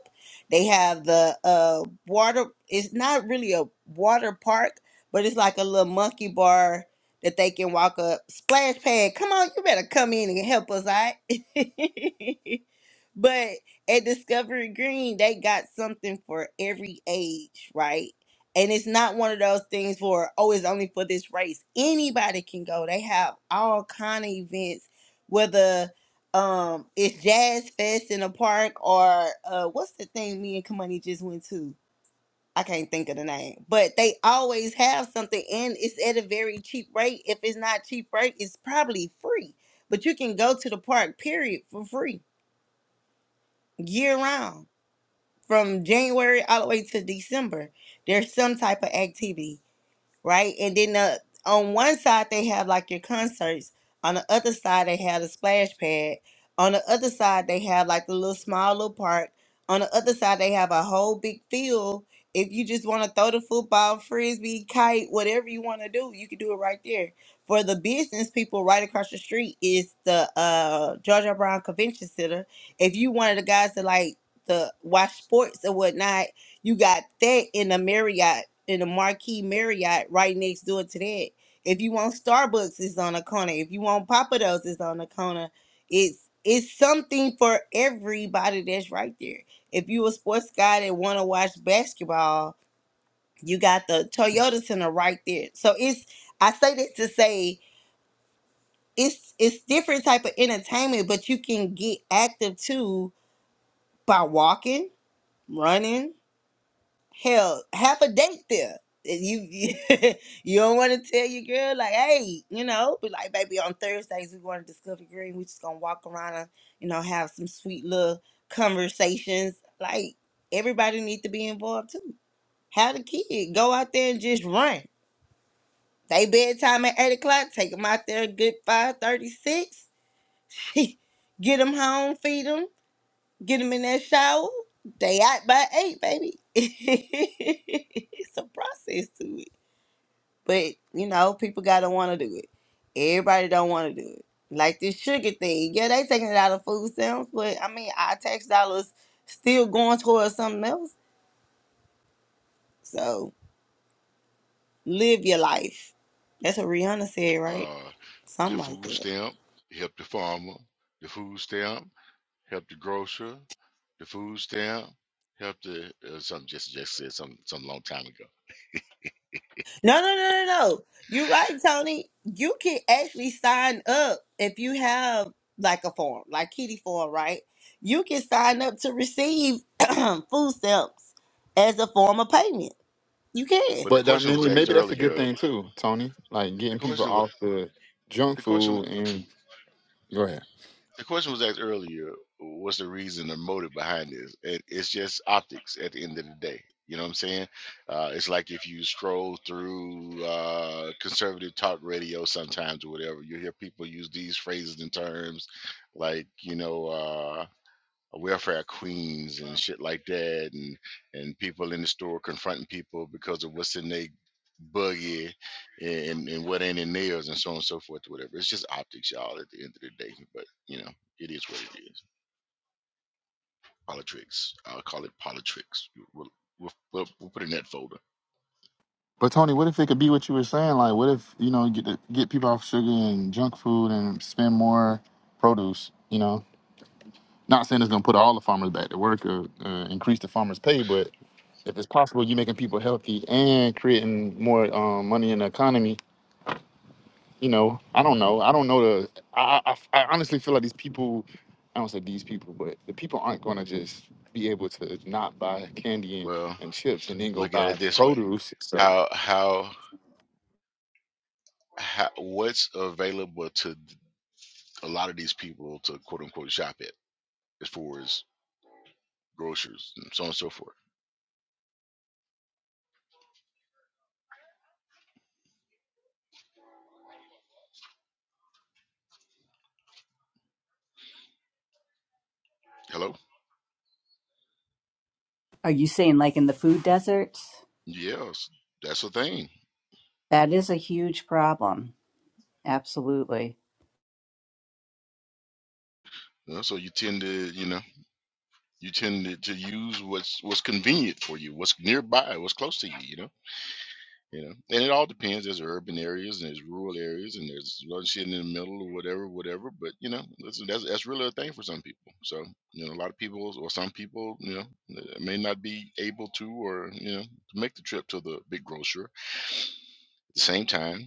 Speaker 3: They have the uh water. It's not really a water park, but it's like a little monkey bar that they can walk up. Splash pad. Come on, you better come in and help us, all right? But at Discovery Green, they got something for every age, right? And it's not one of those things for oh, it's only for this race. Anybody can go. They have all kind of events, whether um it's Jazz Fest in a park or uh what's the thing me and Kamani just went to? I can't think of the name. But they always have something and it's at a very cheap rate. If it's not cheap rate, it's probably free. But you can go to the park, period, for free, year round from January all the way to December, there's some type of activity right? And then the, on one side they have like your concerts, on the other side they have the splash pad, on the other side they have like the little small little park, on the other side they have a whole big field. If you just want to throw the football, frisbee, kite, whatever you want to do, you can do it right there. For the business people right across the street is the uh Georgia Brown Convention Center. If you one of the guys that like the watch sports or whatnot, you got that in the Marriott, in the Marquee Marriott right next door to that. If you want Starbucks, it's on the corner. If you want Papa Do's, it's on the corner. It's it's something for everybody that's right there. If you a sports guy that want to watch basketball, you got the Toyota Center right there. So it's I say this to say it's it's different type of entertainment, but you can get active too by walking, running, hell have a date there and you you, don't want to tell your girl like hey you know be like baby on thursdays we going to discover green we just gonna walk around and you know have some sweet little conversations like everybody need to be involved too have the kid go out there and just run they bedtime at 8 o'clock take them out there a good five thirty-six. get them home feed 'em. Get them in that shower. They out by eight, baby. it's a process to it. But, you know, people got to want to do it. Everybody don't want to do it. Like this sugar thing. Yeah, they taking it out of food stamps, but I mean, our tax dollars still going towards something else. So live your life. That's what Rihanna said, right?
Speaker 1: Uh, the
Speaker 3: Something
Speaker 1: food
Speaker 3: like
Speaker 1: stamp help the farmer. The food stamp help the grocer. The food stamp help the uh, something just just said some some long time ago.
Speaker 3: No, no, no, no, no. You're right, Tony. You can actually sign up if you have like a form, like Kitty form, right? You can sign up to receive food stamps as a form of payment. You can.
Speaker 1: But the
Speaker 5: But that,
Speaker 1: question was
Speaker 5: maybe
Speaker 1: asked
Speaker 5: maybe that's a good
Speaker 1: earlier.
Speaker 5: thing too, Tony. Like
Speaker 1: The
Speaker 5: getting people
Speaker 1: question was
Speaker 5: off the junk
Speaker 1: the question.
Speaker 5: food and go ahead.
Speaker 1: The question was asked earlier, what's the reason or motive behind this? It, it's just optics at the end of the day. You know what I'm saying? Uh, it's like if you scroll through uh, conservative talk radio sometimes or whatever, you hear people use these phrases and terms like, you know, uh, welfare queens and shit like that, and and people in the store confronting people because of what's in their buggy and and what ain't in theirs and so on and so forth, whatever. It's just optics, y'all. At the end of the day, but you know, it is what it is. Politics. I'll call it politics. We'll we'll, we'll, we'll put it in that folder.
Speaker 5: But Tony, what if it could be what you were saying? Like, what if you know get the, get people off sugar and junk food and spend more produce? You know, not saying it's gonna put all the farmers back to work or uh, increase the farmers' pay, but if it's possible, you're making people healthy and creating more um, money in the economy you know, I don't know. I don't know the. I, I, I honestly feel like these people. I don't say these people, but the people aren't going to just be able to not buy candy and,
Speaker 1: Well,
Speaker 5: and chips and then go
Speaker 1: look at
Speaker 5: buy
Speaker 1: it this way:
Speaker 5: produce. So,
Speaker 1: how how how what's available to a lot of these people to quote unquote shop at as far as groceries and so on and so forth. Hello.
Speaker 6: Are you saying like in the food deserts?
Speaker 1: Yes, that's a thing.
Speaker 6: That is a huge problem. Absolutely.
Speaker 1: You know, so you tend to, you know, you tend to, to use what's what's convenient for you, what's nearby, what's close to you. You know, you know, and it all depends. There's urban areas and there's rural areas and there's a lot of shit in the middle or whatever, whatever. But you know, that's that's, that's really a thing for some people. So you know, a lot of people or some people, you know, uh, may not be able to or you know to make the trip to the big grocer at the same time.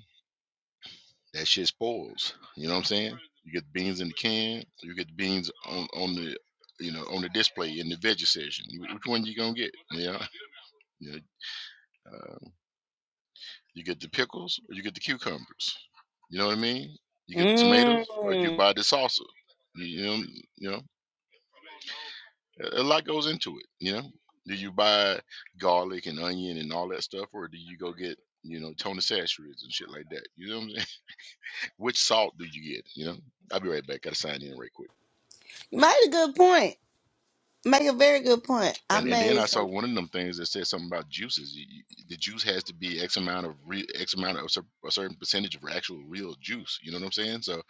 Speaker 1: That shit spoils. You know what I'm saying? You get the beans in the can. You get the beans on on the you know on the display in the veggie section. Which one you gonna get? Yeah. You, know, uh, you get the pickles or you get the cucumbers. You know what I mean? You get the tomatoes or you
Speaker 3: Mm.
Speaker 1: buy the salsa. You, know you know a lot goes into it. You know, do you buy garlic and onion and all that stuff, or do you go get you know Tony Sashers and shit like that? You know what I'm saying? Which salt do you get? You know, I'll be right back. Gotta sign in right quick.
Speaker 3: You made a good point. Make a very good point. I
Speaker 1: And and then
Speaker 3: made
Speaker 1: I saw
Speaker 3: some.
Speaker 1: one of them things that said something about juices. You- you- The juice has to be X amount of real, X amount of a cer- a certain percentage of actual real juice. You know what I'm saying? So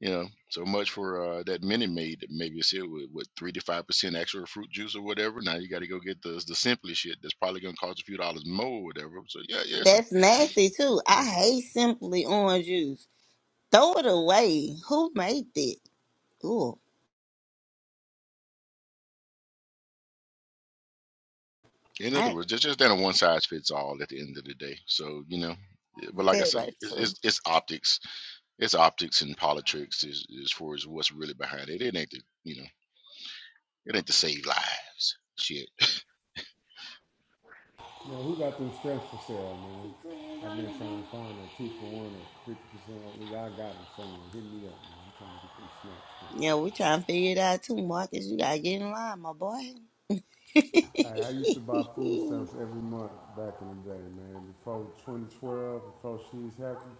Speaker 1: you know, so much for uh, that Minute Maid. that Maybe it's here with what three to five percent actual fruit juice or whatever. Now you got to go get the the simply shit that's probably gonna cost a few dollars more or whatever. So yeah, yeah. Listen,
Speaker 3: That's nasty too. I
Speaker 1: uh,
Speaker 3: hate simply orange juice. Throw it away. Who made it? Ooh,
Speaker 1: in other
Speaker 3: I
Speaker 1: words, just just not a one size fits all at the end of the day. So you know, yeah, but like I
Speaker 3: ain't very
Speaker 1: say, it's
Speaker 3: true.
Speaker 1: it's, it's optics It's optics and politics as, as far as what's really behind it. It ain't the you know it ain't to save lives. Shit.
Speaker 7: Now, who got them strengths for sale, man? I've been trying to find a two for one or fifty percent off. Nigga, I got them somewhere. Hit me up, man. I'm trying to get them snacks, man.
Speaker 3: Yeah, we trying to figure it out too, Marcus. You gotta get in line, my boy.
Speaker 7: Hey, I used to buy food stamps every month back in the day, man. Before 2012, before She's Happy,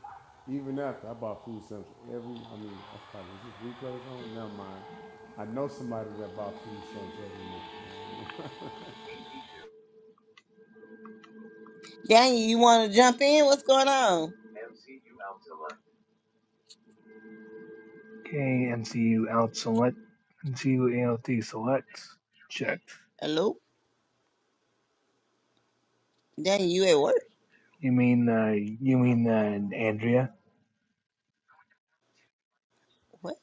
Speaker 7: even after, I bought food stamps every, I mean, I probably, is this replays on? Never mind. I know somebody that bought food stamps every month.
Speaker 3: Daniel, you wanna jump in? What's going on?
Speaker 8: Okay, MCU out select. MCU ALT select. Checked.
Speaker 3: Hello? Daniel, you at work?
Speaker 8: You mean uh you mean uh Andrea?
Speaker 3: What?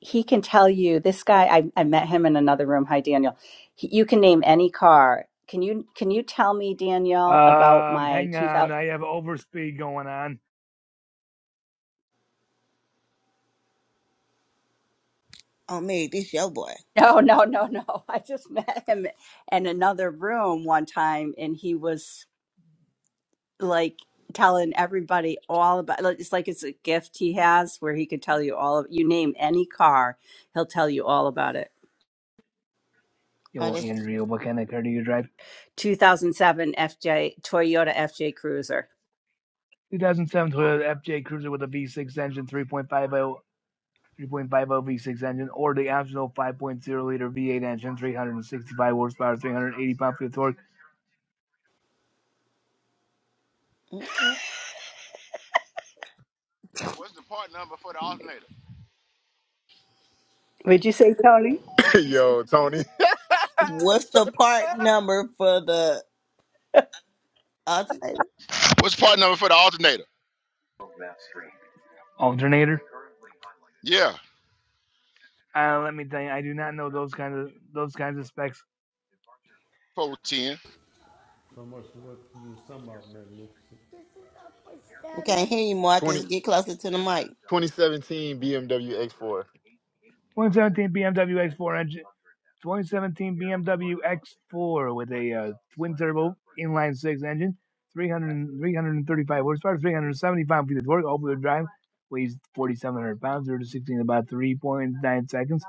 Speaker 6: he can tell you this guy I, I met him in another room hi daniel he, you can name any car can you can you tell me danielle about
Speaker 8: Um
Speaker 6: my
Speaker 8: hang on,
Speaker 6: 2000
Speaker 8: I have overspeed going on.
Speaker 3: Oh man, this your boy.
Speaker 6: no no no no i just met him in another room one time and he was like telling everybody all about like, it's like it's a gift he has where he could tell you all of you name any car he'll tell you all about it
Speaker 8: Yo
Speaker 3: Oh
Speaker 8: well,
Speaker 3: that's
Speaker 8: Andrea, what kind of car do you drive?
Speaker 6: 2007 fj toyota fj cruiser
Speaker 8: 2007 Toyota FJ Cruiser with a V6 engine, 3.50 3.50 V6 engine, or the optional 5.0 liter V8 engine, 365 horsepower, 380 pound feet of torque,
Speaker 3: okay.
Speaker 1: What's the part number for the alternator?
Speaker 6: would you say tony
Speaker 5: yo, Tony,
Speaker 3: What's the part number for the alternator?
Speaker 1: What's the part number for the alternator?
Speaker 8: alternator.
Speaker 1: Yeah,
Speaker 8: Uh, let me tell you, I do not know those kinds of those kinds of specs.
Speaker 1: four ten.
Speaker 7: So much for what you was talking about, magnificent. This is a food
Speaker 3: We
Speaker 7: stamp
Speaker 3: can't
Speaker 7: I
Speaker 3: hear you, Marcus.
Speaker 5: 20,
Speaker 3: Get closer to the mic.
Speaker 5: 2017 BMW X4.
Speaker 8: 2017 BMW X4 engine, 2017 BMW X4 with a uh, twin turbo inline six engine, three hundred three hundred and thirty five 335 horsepower, 375 feet of torque, all wheel drive, weighs 4,700 pounds, 0 to 60 in about 3.9 seconds.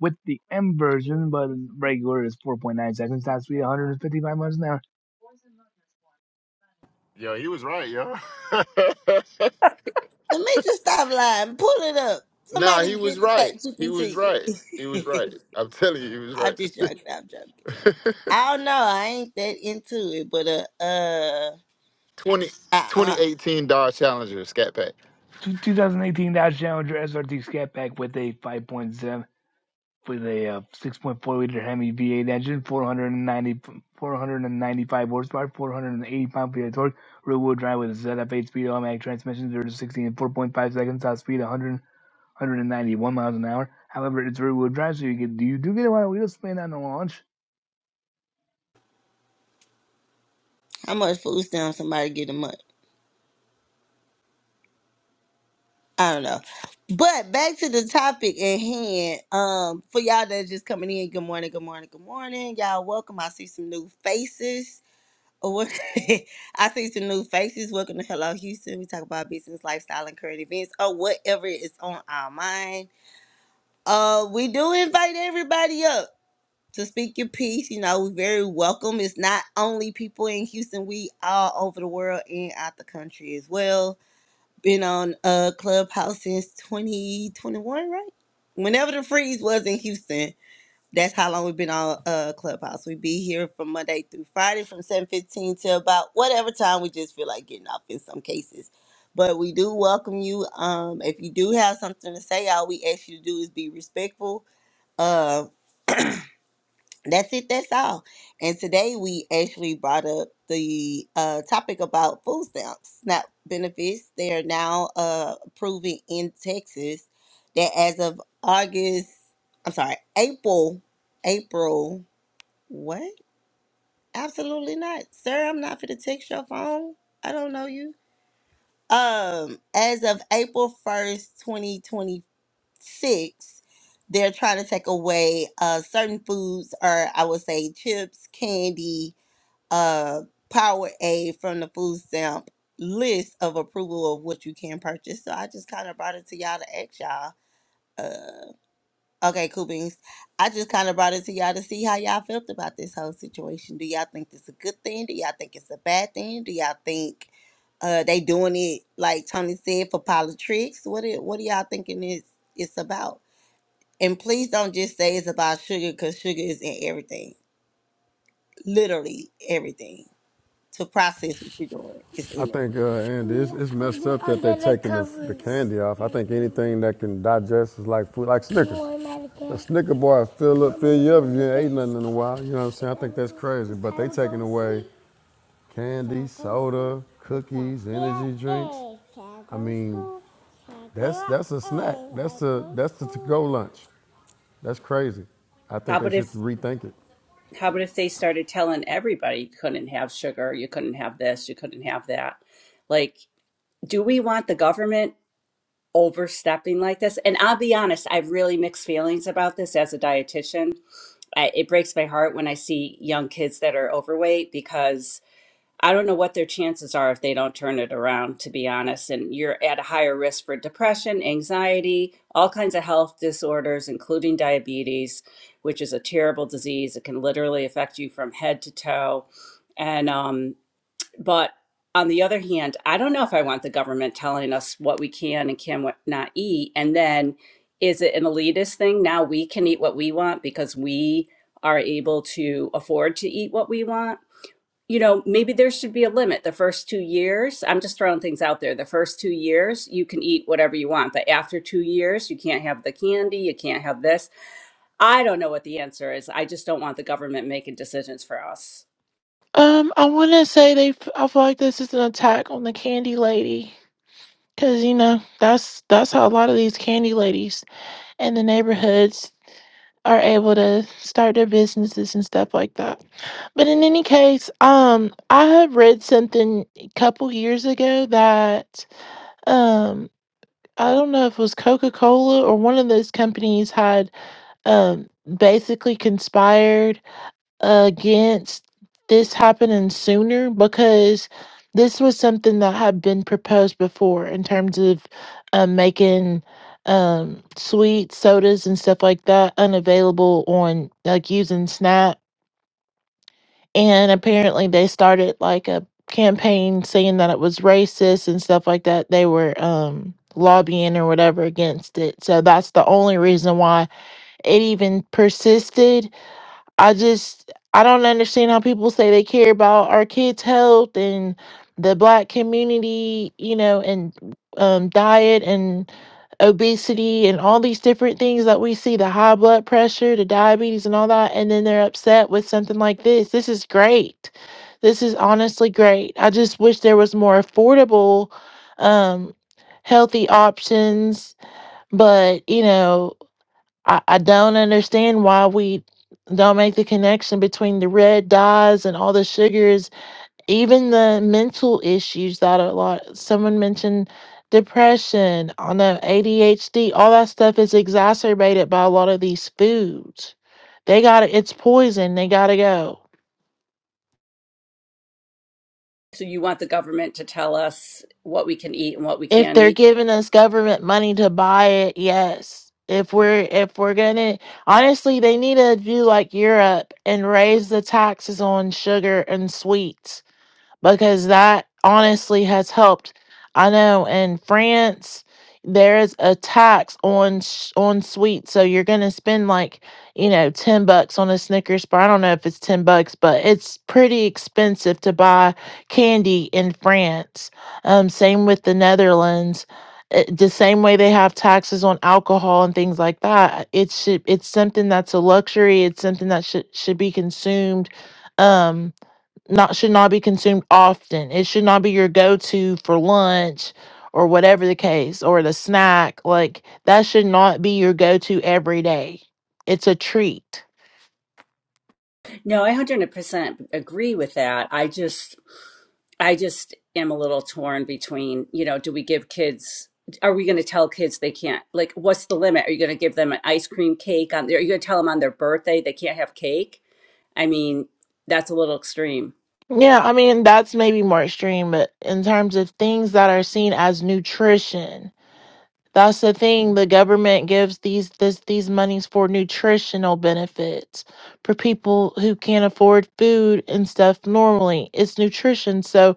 Speaker 8: With the M version, but regular is 4.9 seconds, top speed 155 miles an hour.
Speaker 5: Yo, he was right, yo.
Speaker 3: The major stop lying. Pull it up.
Speaker 5: nah, he
Speaker 3: Somebody get
Speaker 5: was
Speaker 3: chat
Speaker 5: right. He was
Speaker 3: GPT.
Speaker 5: right. He was right. I'm telling you, he was
Speaker 3: I'm
Speaker 5: right.
Speaker 3: just joking. I'm joking. I don't know. I ain't that into it, but uh, uh,
Speaker 5: 20,
Speaker 3: uh,
Speaker 5: 2018 Dodge Challenger Scat Pack.
Speaker 8: 2018 Dodge Challenger SRT Scat Pack with a 5.7 with a uh, 6.4 liter Hemi V8 engine, 490, 495 horsepower, 480 pound feet of torque, rear wheel drive with a ZF8 speed automatic transmission, 0 to 60 in 4.5 seconds, top speed 100, 191 miles an hour. However, it's rear wheel drive, so you get you do get a lot of wheel spin on the launch.
Speaker 3: how much food stamps somebody get a month. I don't know. But back to the topic at hand. Um, for y'all that's just coming in, good morning, good morning, good morning. Y'all welcome. I see some new faces. Oh, what- I see some new faces. Welcome to Hello Houston. We talk about business, lifestyle, and current events, or whatever is on our mind. Uh, we do invite everybody up to speak your piece. You know, we very welcome. It's not only people in Houston, we all over the world and out the country as well been on uh Clubhouse since 2021, right? Whenever the freeze was in Houston, that's how long we've been on uh Clubhouse. We be here from Monday through Friday from 7:15 to about whatever time we just feel like getting off in some cases. But we do welcome you. Um, if you do have something to say, all we ask you to do is be respectful. uh, that's it that's all and today we actually brought up the uh, topic about food stamps SNAP benefits they are now uh, approving in texas that as of august i'm sorry april april what absolutely not sir i'm not for to text your phone i don't know you um as of april 1st 2025 six, they're trying to take away uh, certain foods, or I would say chips, candy, uh, Powerade from the food stamp list of approval of what you can purchase. So I just kind of brought it to y'all to ask y'all. Uh, okay, cool beans. I just kind of brought it to y'all to see how y'all felt about this whole situation. Do y'all think this is a good thing? Do y'all think it's a bad thing? Do y'all think uh, they doing it like Tony said for politics? What do, what do y'all thinking it's it's about? And please don't just say it's about sugar because sugar is in everything. Literally everything. To process what you're doing is
Speaker 7: I
Speaker 3: in there.
Speaker 7: think, uh, Andy, it's, it's messed up that they're taking the, the candy off. I think anything that can digest is like food, like Snickers. A Snicker bar will fill up, fill you up if you ain't ate nothing in a while. You know what I'm saying? I think that's crazy. But they taking away candy, soda, cookies, energy drinks. I mean, that's that's a snack. That's a that's the to-go lunch. That's crazy. I
Speaker 6: How
Speaker 7: think they
Speaker 6: about
Speaker 7: should
Speaker 6: if
Speaker 7: rethink it.
Speaker 6: How about if they started telling everybody you couldn't have sugar, you couldn't have this, you couldn't have that? Like, do we want the government overstepping like this? And I'll be honest, I have really mixed feelings about this as a dietitian. I, it breaks my heart when I see young kids that are overweight because. I don't know what their chances are if they don't turn it around, to be honest. And you're at a higher risk for depression, anxiety, all kinds of health disorders, including diabetes, which is a terrible disease. It can literally affect you from head to toe. And, um, but on the other hand, I don't know if I want the government telling us what we can and can't not eat. And then is it an elitist thing? Now we can eat what we want because we are able to afford to eat what we want you know, maybe there should be a limit. The first two years, I'm just throwing things out there. The first two years, you can eat whatever you want, but after two years, you can't have the candy, you can't have this. I don't know what the answer is. I just don't want the government making decisions for us.
Speaker 9: Um, I want to say they. f- I feel like this is an attack on the candy lady, because you know that's that's how a lot of these candy ladies in the neighborhoods are able to start their businesses and stuff like that. But in any case, um, I have read something a couple years ago that um, I don't know if it was Coca Cola or one of those companies had um basically conspired against this happening sooner because this was something that had been proposed before in terms of um, making um, sweet sodas and stuff like that unavailable on like using Snap. And apparently, they started like a campaign saying that it was racist and stuff like that. They were um, lobbying or whatever against it. So that's the only reason why it even persisted I just I don't understand how people say they care about our kids' health and the black community, you know, and um, diet and obesity and all these different things that we see the high blood pressure, the diabetes, and all that. And then they're upset with something like this. This is great. This is honestly great. I just wish there was more affordable, um, healthy options. But, you know, I, I don't understand why we don't make the connection between the red dyes and all the sugars, even the mental issues that a lot someone mentioned depression, on the ADHD, all that stuff is exacerbated by a lot of these foods. They got to it's poison. They got to go.
Speaker 6: So you want the government to tell us what we can eat and what we
Speaker 9: if
Speaker 6: can't
Speaker 9: they're
Speaker 6: eat?
Speaker 9: giving us government money to buy it yes if we're if we're gonna honestly they need to do like europe and raise the taxes on sugar and sweets because that honestly has helped. I know in France there is a tax on sh- on sweets, so you're gonna spend like you know ten bucks on a Snickers bar. I don't know if it's ten bucks, but it's pretty expensive to buy candy in France. Um, same with the Netherlands. It, the same way they have taxes on alcohol and things like that. It should it's something that's a luxury. It's something that should should be consumed. Um, not should not be consumed often. It should not be your go-to for lunch or whatever the case or the snack. Like that should not be your go-to every day. It's a treat.
Speaker 6: No, I 100% agree with that. I just I just am a little torn between, you know, do we give kids, are we going to tell kids they can't, like, what's the limit? Are you going to give them an ice cream cake on there? Are you going to tell them on their birthday they can't have cake? I mean, that's a little extreme.
Speaker 9: Yeah, I mean that's maybe more extreme, but in terms of things that are seen as nutrition, That's the thing. The government gives these this these monies for nutritional benefits for people who can't afford food and stuff normally. It's nutrition. So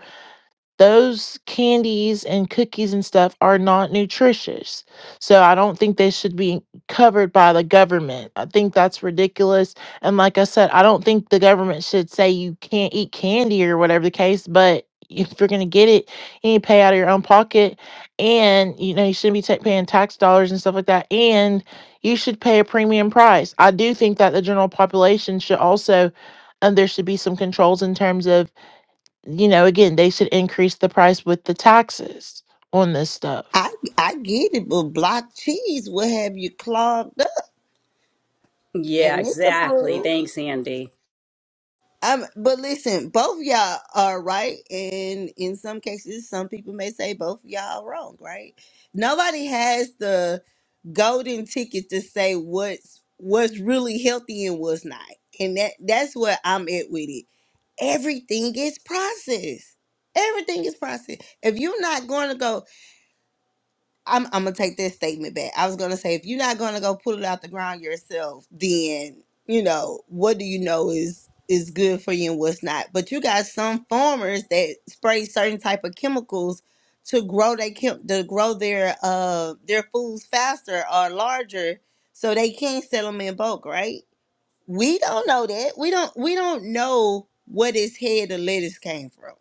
Speaker 9: those candies and cookies and stuff are not nutritious. So I don't think they should be covered by the government. I think that's ridiculous. And like I said, I don't think the government should say you can't eat candy or whatever the case, but if you're going to get it, you need to pay out of your own pocket. And, you know, you shouldn't be ta- paying tax dollars and stuff like that. And you should pay a premium price. I do think that the general population should also, and there should be some controls in terms of you know, again, they should increase the price with the taxes on this
Speaker 3: I
Speaker 9: stuff.
Speaker 3: I get it, but block cheese will have you clogged up
Speaker 6: Yeah,
Speaker 3: and it's
Speaker 6: exactly.
Speaker 3: approved.
Speaker 6: Thanks, Andy.
Speaker 3: Um, but listen, both y'all are right, and in some cases, some people may say both y'all are wrong, right? Nobody has the golden ticket to say what's what's really healthy and what's not, and that that's where I'm at with it everything is processed. Everything is processed. If you're not going to go, I'm, I'm gonna take this statement back. I was gonna say, if you're not going to go pull it out the ground yourself, then you know what do you know is is good for you and what's not. But you got some farmers that spray certain type of chemicals to grow they chem- to grow their uh their foods faster or larger, so they can sell them in bulk, right? We don't know that. We don't we don't know what his head of lettuce came from.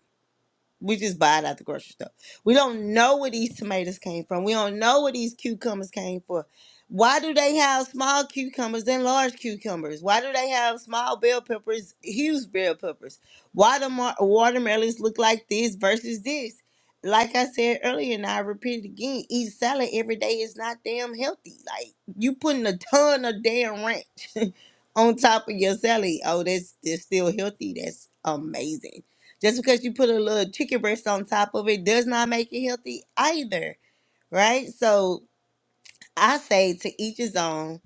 Speaker 3: We just buy it at the grocery store. We don't know where these tomatoes came from. We don't know where these cucumbers came from. Why do they have small cucumbers and large cucumbers? Why do they have small bell peppers, huge bell peppers? Why do mar- watermelons look like this versus this? Like I said earlier, and I repeat it again, eat salad every day is not damn healthy. Like you putting a ton of damn ranch on top of your salad. Oh, that's that's still healthy. That's amazing just because you put a little chicken breast on top of it does not make it healthy either, right? So I say to each his own.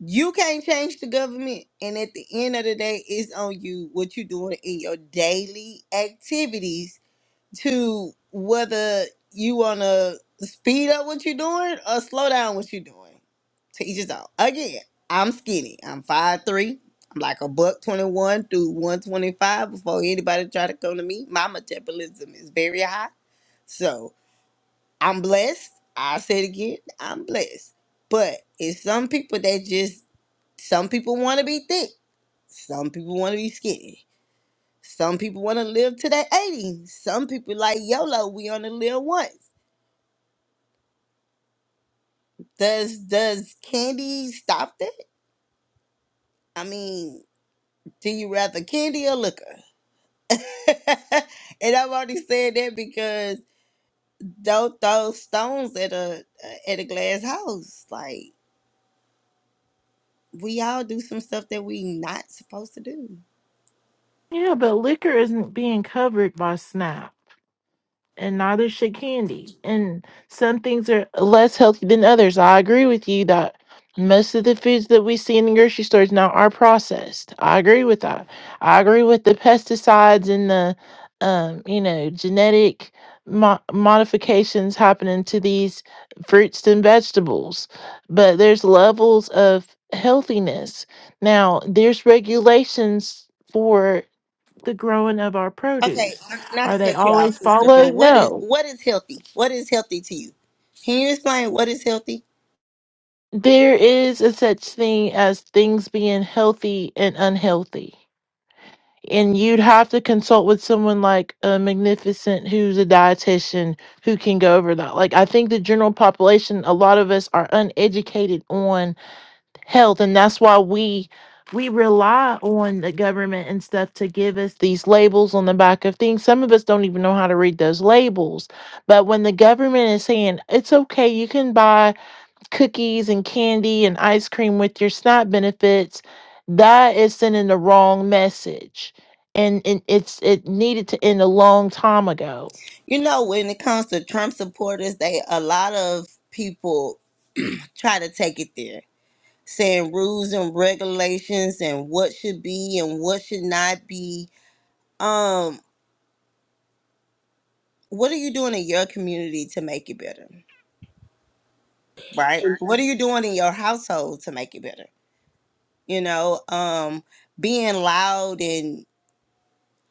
Speaker 3: You can't change the government, and at the end of the day, it's on you what you're doing in your daily activities to whether you want to speed up what you're doing or slow down what you're doing. To each his own. Again, I'm skinny. I'm five 3 I'm like a buck 21 through 125 before anybody try to come to me. My metabolism is very high. So I'm blessed. I said again, I'm blessed. But it's some people that just, some people want to be thick. Some people want to be skinny some people want to live to their 80. Some people like YOLO, we only live once. Does does candy stop that? I mean, do you rather candy or liquor? and I've already said that because don't throw stones at a uh, at a glass house. Like we all do some stuff that we not supposed to do.
Speaker 9: Yeah, but liquor isn't being covered by SNAP. and neither should candy. And some things are less healthy than others. I agree with you that most of the foods that we see in the grocery stores now are processed. I agree with that. I agree with the pesticides and the, um, you know, genetic mo- modifications happening to these fruits and vegetables. But there's levels of healthiness. Now, there's regulations for the growing of our
Speaker 3: Okay,
Speaker 9: produce.
Speaker 3: not
Speaker 9: Are
Speaker 3: to
Speaker 9: they
Speaker 3: cut you off,
Speaker 9: always
Speaker 3: sister, but
Speaker 9: followed?
Speaker 3: what is
Speaker 9: No.
Speaker 3: what is healthy? What is healthy to you? Can you explain what is healthy?
Speaker 9: There is a such thing as things being healthy and unhealthy. And you'd have to consult with someone like a magnificent who's a dietitian who can go over that. Like I think the general population, a lot of us are uneducated on health and that's why we we rely on the government and stuff to give us these labels on the back of things some of us don't even know how to read those labels but when the government is saying it's okay you can buy cookies and candy and ice cream with your SNAP benefits, that is sending the wrong message. And, and it's it needed to end a long time ago.
Speaker 3: You know, when it comes to Trump supporters, they a lot of people try to take it there, saying rules and regulations and what should be and what should not be. Um, what are you doing in your community to make it better? Right? What are you doing in your household to make it better? You know, um, being loud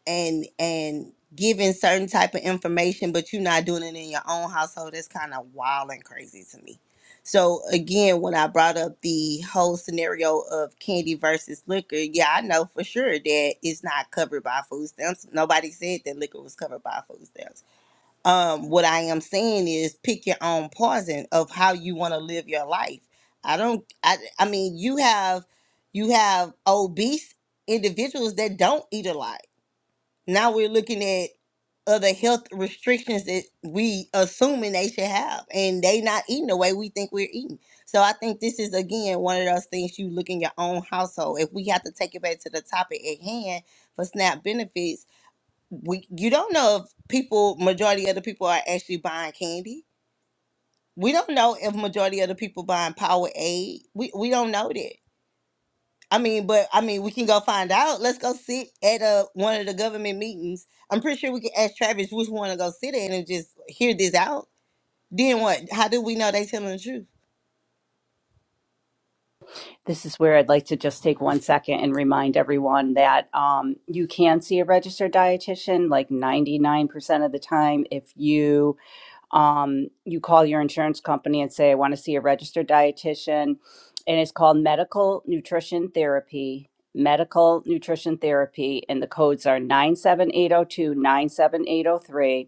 Speaker 3: and and giving certain type of information but you're not doing it in your own household that's kind of wild and crazy to me so again when i brought up the whole scenario of candy versus liquor yeah i know for sure that it's not covered by food stamps nobody said that liquor was covered by food stamps um what i am saying is pick your own poison of how you want to live your life i don't i i mean you have you have obese individuals that don't eat a lot now we're looking at other health restrictions that we assuming they should have, and they not eating the way we think we're eating. So I think this is again one of those things you look in your own household. If we have to take it back to the topic at hand for SNAP benefits, we you don't know if people majority of the people are actually buying candy. We don't know if majority of the people buying Power Aid. We we don't know that. I mean, but I mean, we can go find out. Let's go sit at uh one of the government meetings. I'm pretty sure we can ask Travis which one to go sit in and just hear this out. Then what? How do we know they telling the truth?
Speaker 6: This is where I'd like to just take one second and remind everyone that um, you can see a registered dietitian like 99% of the time if you um, you call your insurance company and say, I want to see a registered dietitian. And it's called medical nutrition therapy, medical nutrition therapy. And the codes are 97802, 97803.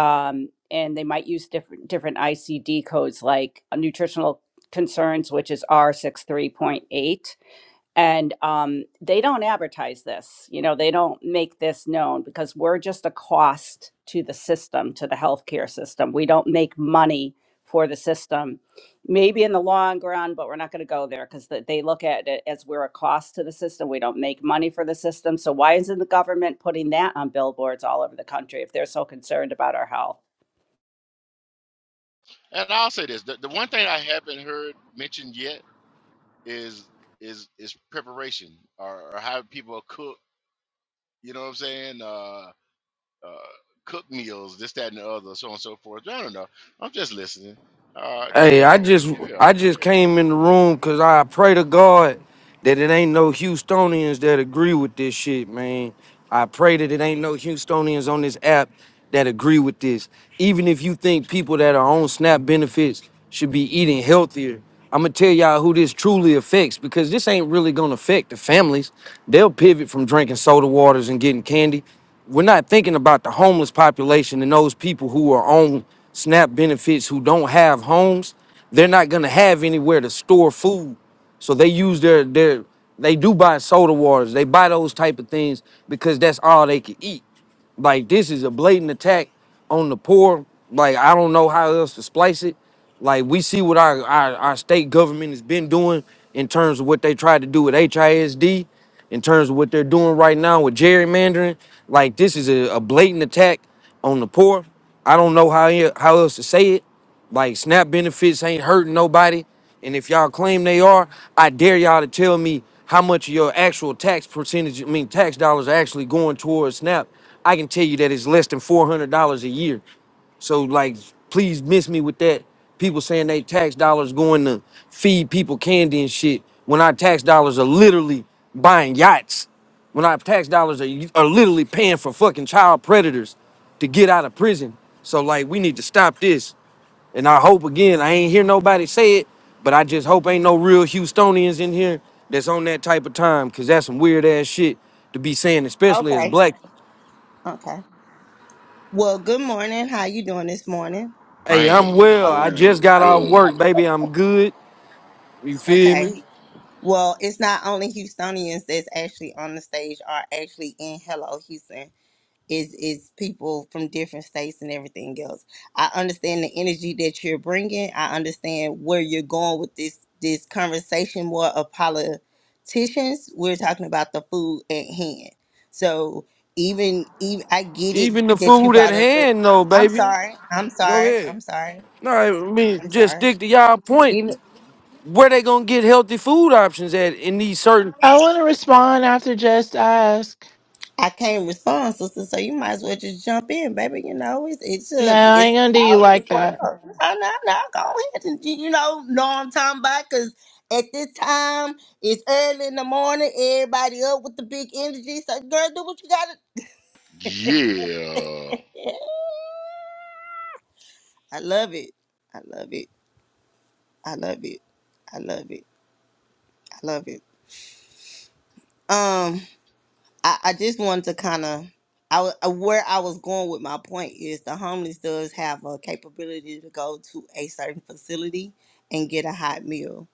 Speaker 6: Um, and they might use different, different ICD codes like uh, nutritional concerns, which is R63.8 and um, they don't advertise this you know they don't make this known because we're just a cost to the system to the healthcare system we don't make money for the system maybe in the long run but we're not going to go there because they look at it as we're a cost to the system we don't make money for the system so why isn't the government putting that on billboards all over the country if they're so concerned about our health
Speaker 1: And I'll say this: the, the one thing I haven't heard mentioned yet is is is preparation or, or how people cook. You know what I'm saying? Uh, uh, cook meals, this, that, and the other, so on and so forth. I don't know. I'm just listening. Uh,
Speaker 10: Hey,
Speaker 1: carry
Speaker 10: I
Speaker 1: on,
Speaker 10: just
Speaker 1: carry
Speaker 10: I
Speaker 1: on,
Speaker 10: just
Speaker 1: carry on.
Speaker 10: came in the room because I pray to God that it ain't no Houstonians that agree with this shit, man. I pray that it ain't no Houstonians on this app that agree with this. Even if you think people that are on SNAP benefits should be eating healthier, I'm gonna tell y'all who this truly affects because this ain't really gonna affect the families. They'll pivot from drinking soda waters and getting candy we're not thinking about the homeless population and those people who are on SNAP benefits who don't have homes. They're not gonna have anywhere to store food, so they use their their they do buy soda waters, they buy those type of things because that's all they can eat. Like this is a blatant attack on the poor. Like I don't know how else to splice it. Like we see what our our, our state government has been doing in terms of what they tried to do with HISD, in terms of what they're doing right now with gerrymandering. Like this is a, a blatant attack on the poor. I don't know how e- how else to say it. Like SNAP benefits ain't hurting nobody. And if y'all claim they are, I dare y'all to tell me how much of your actual tax percentage, I mean tax dollars are actually going towards SNAP. I can tell you that it's less than four hundred dollars a year. So like please miss me with that. People saying they tax dollars going to feed people candy and shit when our tax dollars are literally buying yachts. When our tax dollars are, are literally paying for fucking child predators to get out of prison. So like we need to stop this. And I hope again, I ain't hear nobody say it, but I just hope ain't no real Houstonians in here that's on that type of time, cause that's some weird ass shit to be saying, especially as
Speaker 3: Okay.
Speaker 10: black.
Speaker 3: Okay. Well, good morning. How you doing this morning?
Speaker 10: Hey, I'm
Speaker 1: Man,
Speaker 10: well.
Speaker 3: Hope
Speaker 10: I
Speaker 3: you-
Speaker 1: hold
Speaker 10: just got
Speaker 3: hope-
Speaker 10: off work,
Speaker 1: up.
Speaker 10: baby. I'm good. You feel me?
Speaker 3: Okay. Well, it's not only Houstonians that's actually on the stage are actually in Hello Houston. is is people from different states and everything else. I understand the energy that you're bringing. I understand where you're going with this this conversation more of politicians. We're talking about the food at hand. So even even I get it
Speaker 10: Even the
Speaker 3: that you
Speaker 10: food at
Speaker 3: brought up the.
Speaker 10: hand, though,
Speaker 3: I'm
Speaker 10: baby.
Speaker 3: sorry. I'm
Speaker 10: Go
Speaker 3: sorry.
Speaker 10: ahead.
Speaker 3: I'm sorry.
Speaker 10: No, I mean
Speaker 3: I'm
Speaker 10: just
Speaker 3: sorry.
Speaker 10: stick to y'all point. Where they gonna get healthy food options at in these certain
Speaker 9: I want to respond after just ask.
Speaker 3: I can't respond, sister. So you might as well just jump in, baby. You know, it's, it
Speaker 9: No,
Speaker 3: should be.
Speaker 9: I
Speaker 3: It's
Speaker 9: ain't gonna do you
Speaker 3: already
Speaker 9: like
Speaker 3: worked
Speaker 9: that.
Speaker 3: up. No, no, no. Go ahead. And, you you know, know what I'm talking about? Because at this time, it's early in the morning. Everybody up with the big energy. So, girl, do what you got to
Speaker 1: Yeah.
Speaker 3: Yeah. I love it. I love it. I love it. I love it. I love it. Um, I, I just wanted to kind of I, wa- uh, where I was going with my point is the homeless does have a capability to go to a certain facility and get a hot meal,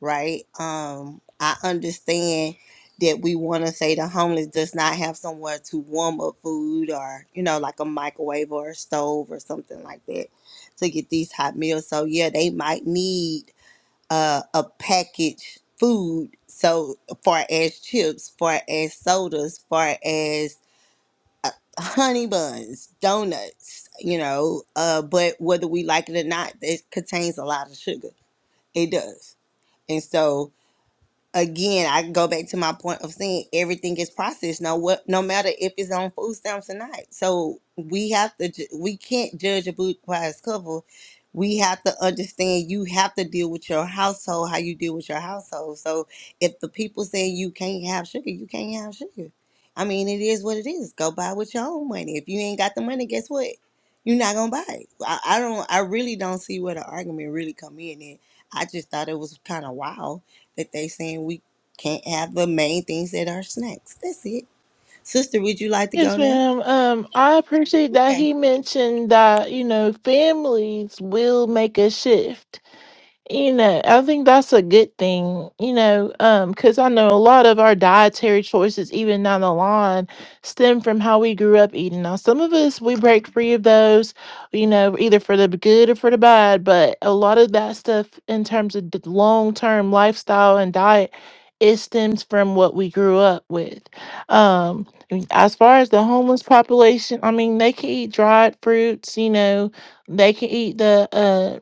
Speaker 3: right? Um, I understand that we want to say the homeless does not have somewhere to warm up food or you know like a microwave or a stove or something like that to get these hot meals. So yeah, they might need uh, a packaged food. So far as chips, far as sodas, far as uh, honey buns, donuts, you know, uh, but whether we like it or not, it contains a lot of sugar. It does. And so again, I go back to my point of saying everything is processed. No, what, no matter if it's on food stamps or not. So we have to, ju- we can't judge a book by its cover. We have to understand. You have to deal with your household how you deal with your household. So if the people say you can't have sugar, you can't have sugar. I mean, it is what it is. Go buy with your own money. If you ain't got the money, guess what? You're not gonna buy it. I, I don't. I really don't see where the argument really come in. And I just thought it was kind of wild that they saying we can't have the main things that are snacks. That's it. Sister, would you like to
Speaker 9: Yes,
Speaker 3: go now?
Speaker 9: ma'am. Um, I appreciate that
Speaker 3: Okay.
Speaker 9: he mentioned that you know families will make a shift. You know, I think that's a good thing, you know, um, because I know a lot of our dietary choices, even down the line, stem from how we grew up eating. Now, some of us, we break free of those, you know, either for the good or for the bad, but a lot of that stuff in terms of the long-term lifestyle and diet, it stems from what we grew up with. Um, and as far as the homeless population, I mean, they can eat dried fruits, you know, they can eat the uh,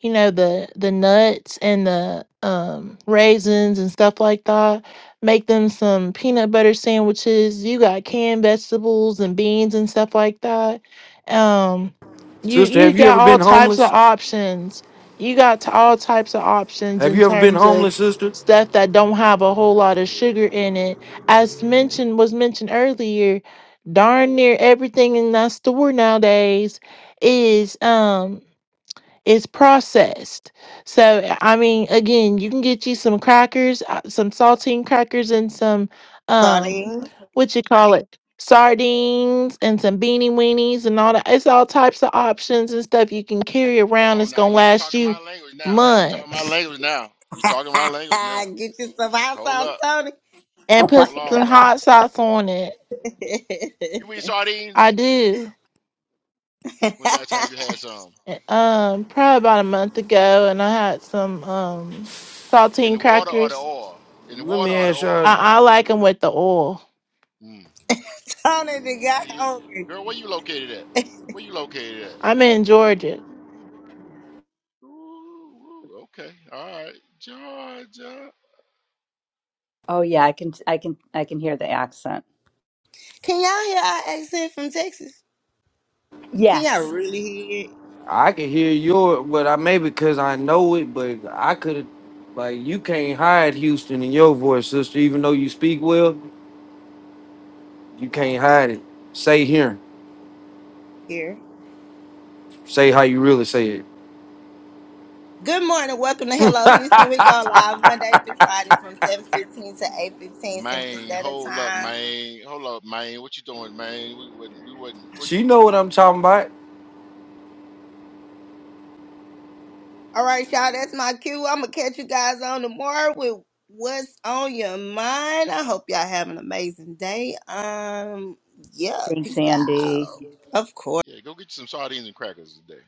Speaker 9: you know the the nuts and the um raisins and stuff like that make them some peanut butter sandwiches you got canned vegetables and beans and stuff like that um you
Speaker 10: sister?
Speaker 9: you
Speaker 10: Have you
Speaker 9: got
Speaker 10: ever been
Speaker 9: all types of
Speaker 10: homeless?
Speaker 9: options you got to all types of options
Speaker 10: Have
Speaker 9: in
Speaker 10: you ever been
Speaker 9: terms of
Speaker 10: homeless, sister?
Speaker 9: stuff that don't have a whole lot of sugar in it as mentioned was mentioned earlier darn near everything in that store nowadays is um it's processed. So I mean, again, you can get you some crackers, uh, some saltine crackers, and some um,
Speaker 3: Sardine.
Speaker 9: what you call it, sardines, and some beanie weenies, and all that. It's all types of options and stuff you can carry
Speaker 1: Hold
Speaker 9: around.
Speaker 1: on
Speaker 9: It's
Speaker 1: now.
Speaker 9: gonna
Speaker 1: Y'all
Speaker 9: last
Speaker 1: talking
Speaker 9: you
Speaker 1: my language now. You talking my
Speaker 9: months,
Speaker 1: language now. You talking my language now.
Speaker 3: Get you some hot
Speaker 1: Hold
Speaker 3: sauce,
Speaker 1: up.
Speaker 3: Tony.
Speaker 9: and
Speaker 6: oh my
Speaker 9: put
Speaker 1: Hold
Speaker 9: some
Speaker 1: on now.
Speaker 6: god
Speaker 9: hot sauce on it.
Speaker 1: You eat
Speaker 9: I
Speaker 1: sardines?
Speaker 9: do.
Speaker 1: When last time you had some?
Speaker 9: Uh, Um, probably about a month ago, and I had some um
Speaker 1: In
Speaker 9: saltine
Speaker 1: the water or the
Speaker 9: crackers.
Speaker 1: oil? In the
Speaker 10: Let
Speaker 1: water
Speaker 10: me
Speaker 1: or the
Speaker 10: ask y'all.
Speaker 1: oil?
Speaker 9: I, I like them with the oil.
Speaker 1: Mm,
Speaker 3: Tony the
Speaker 1: mm, I
Speaker 3: guy
Speaker 1: hear you.
Speaker 3: hungry.
Speaker 1: Girl, where you located at? Where you located at?
Speaker 9: I'm in Georgia,
Speaker 1: Ooh, ooh, okay. All right. Georgia.
Speaker 6: oh yeah i can i can i can hear the accent
Speaker 3: Can y'all hear our accent from Texas? Can y'all
Speaker 6: yes
Speaker 3: really hear it?
Speaker 10: I can hear your, but I may because I know it, but I could, like, you can't hide Houston in your voice, sister. Even though you speak well, you
Speaker 3: Oh,
Speaker 10: can't hide it. Say here,
Speaker 3: here.
Speaker 10: say how you really say it.
Speaker 3: Good morning. Welcome to Hello Houston. We go live Monday through Friday from 7.15 to 8.15 Central
Speaker 1: Maine,
Speaker 3: Standard
Speaker 1: hold up,
Speaker 3: Time.
Speaker 1: Maine. Hold up, Maine. What you doing, Maine? We wouldn't we wouldn't what
Speaker 10: She
Speaker 1: you,
Speaker 10: know what I'm talking about.
Speaker 3: All right, y'all, that's my cue. I'm gonna catch you guys on tomorrow with what's on your mind. I hope y'all have an amazing day. Um, yeah,
Speaker 6: thanks
Speaker 3: peace
Speaker 6: andy
Speaker 3: out. Of course.
Speaker 1: yeah, go get you some sardines and crackers today.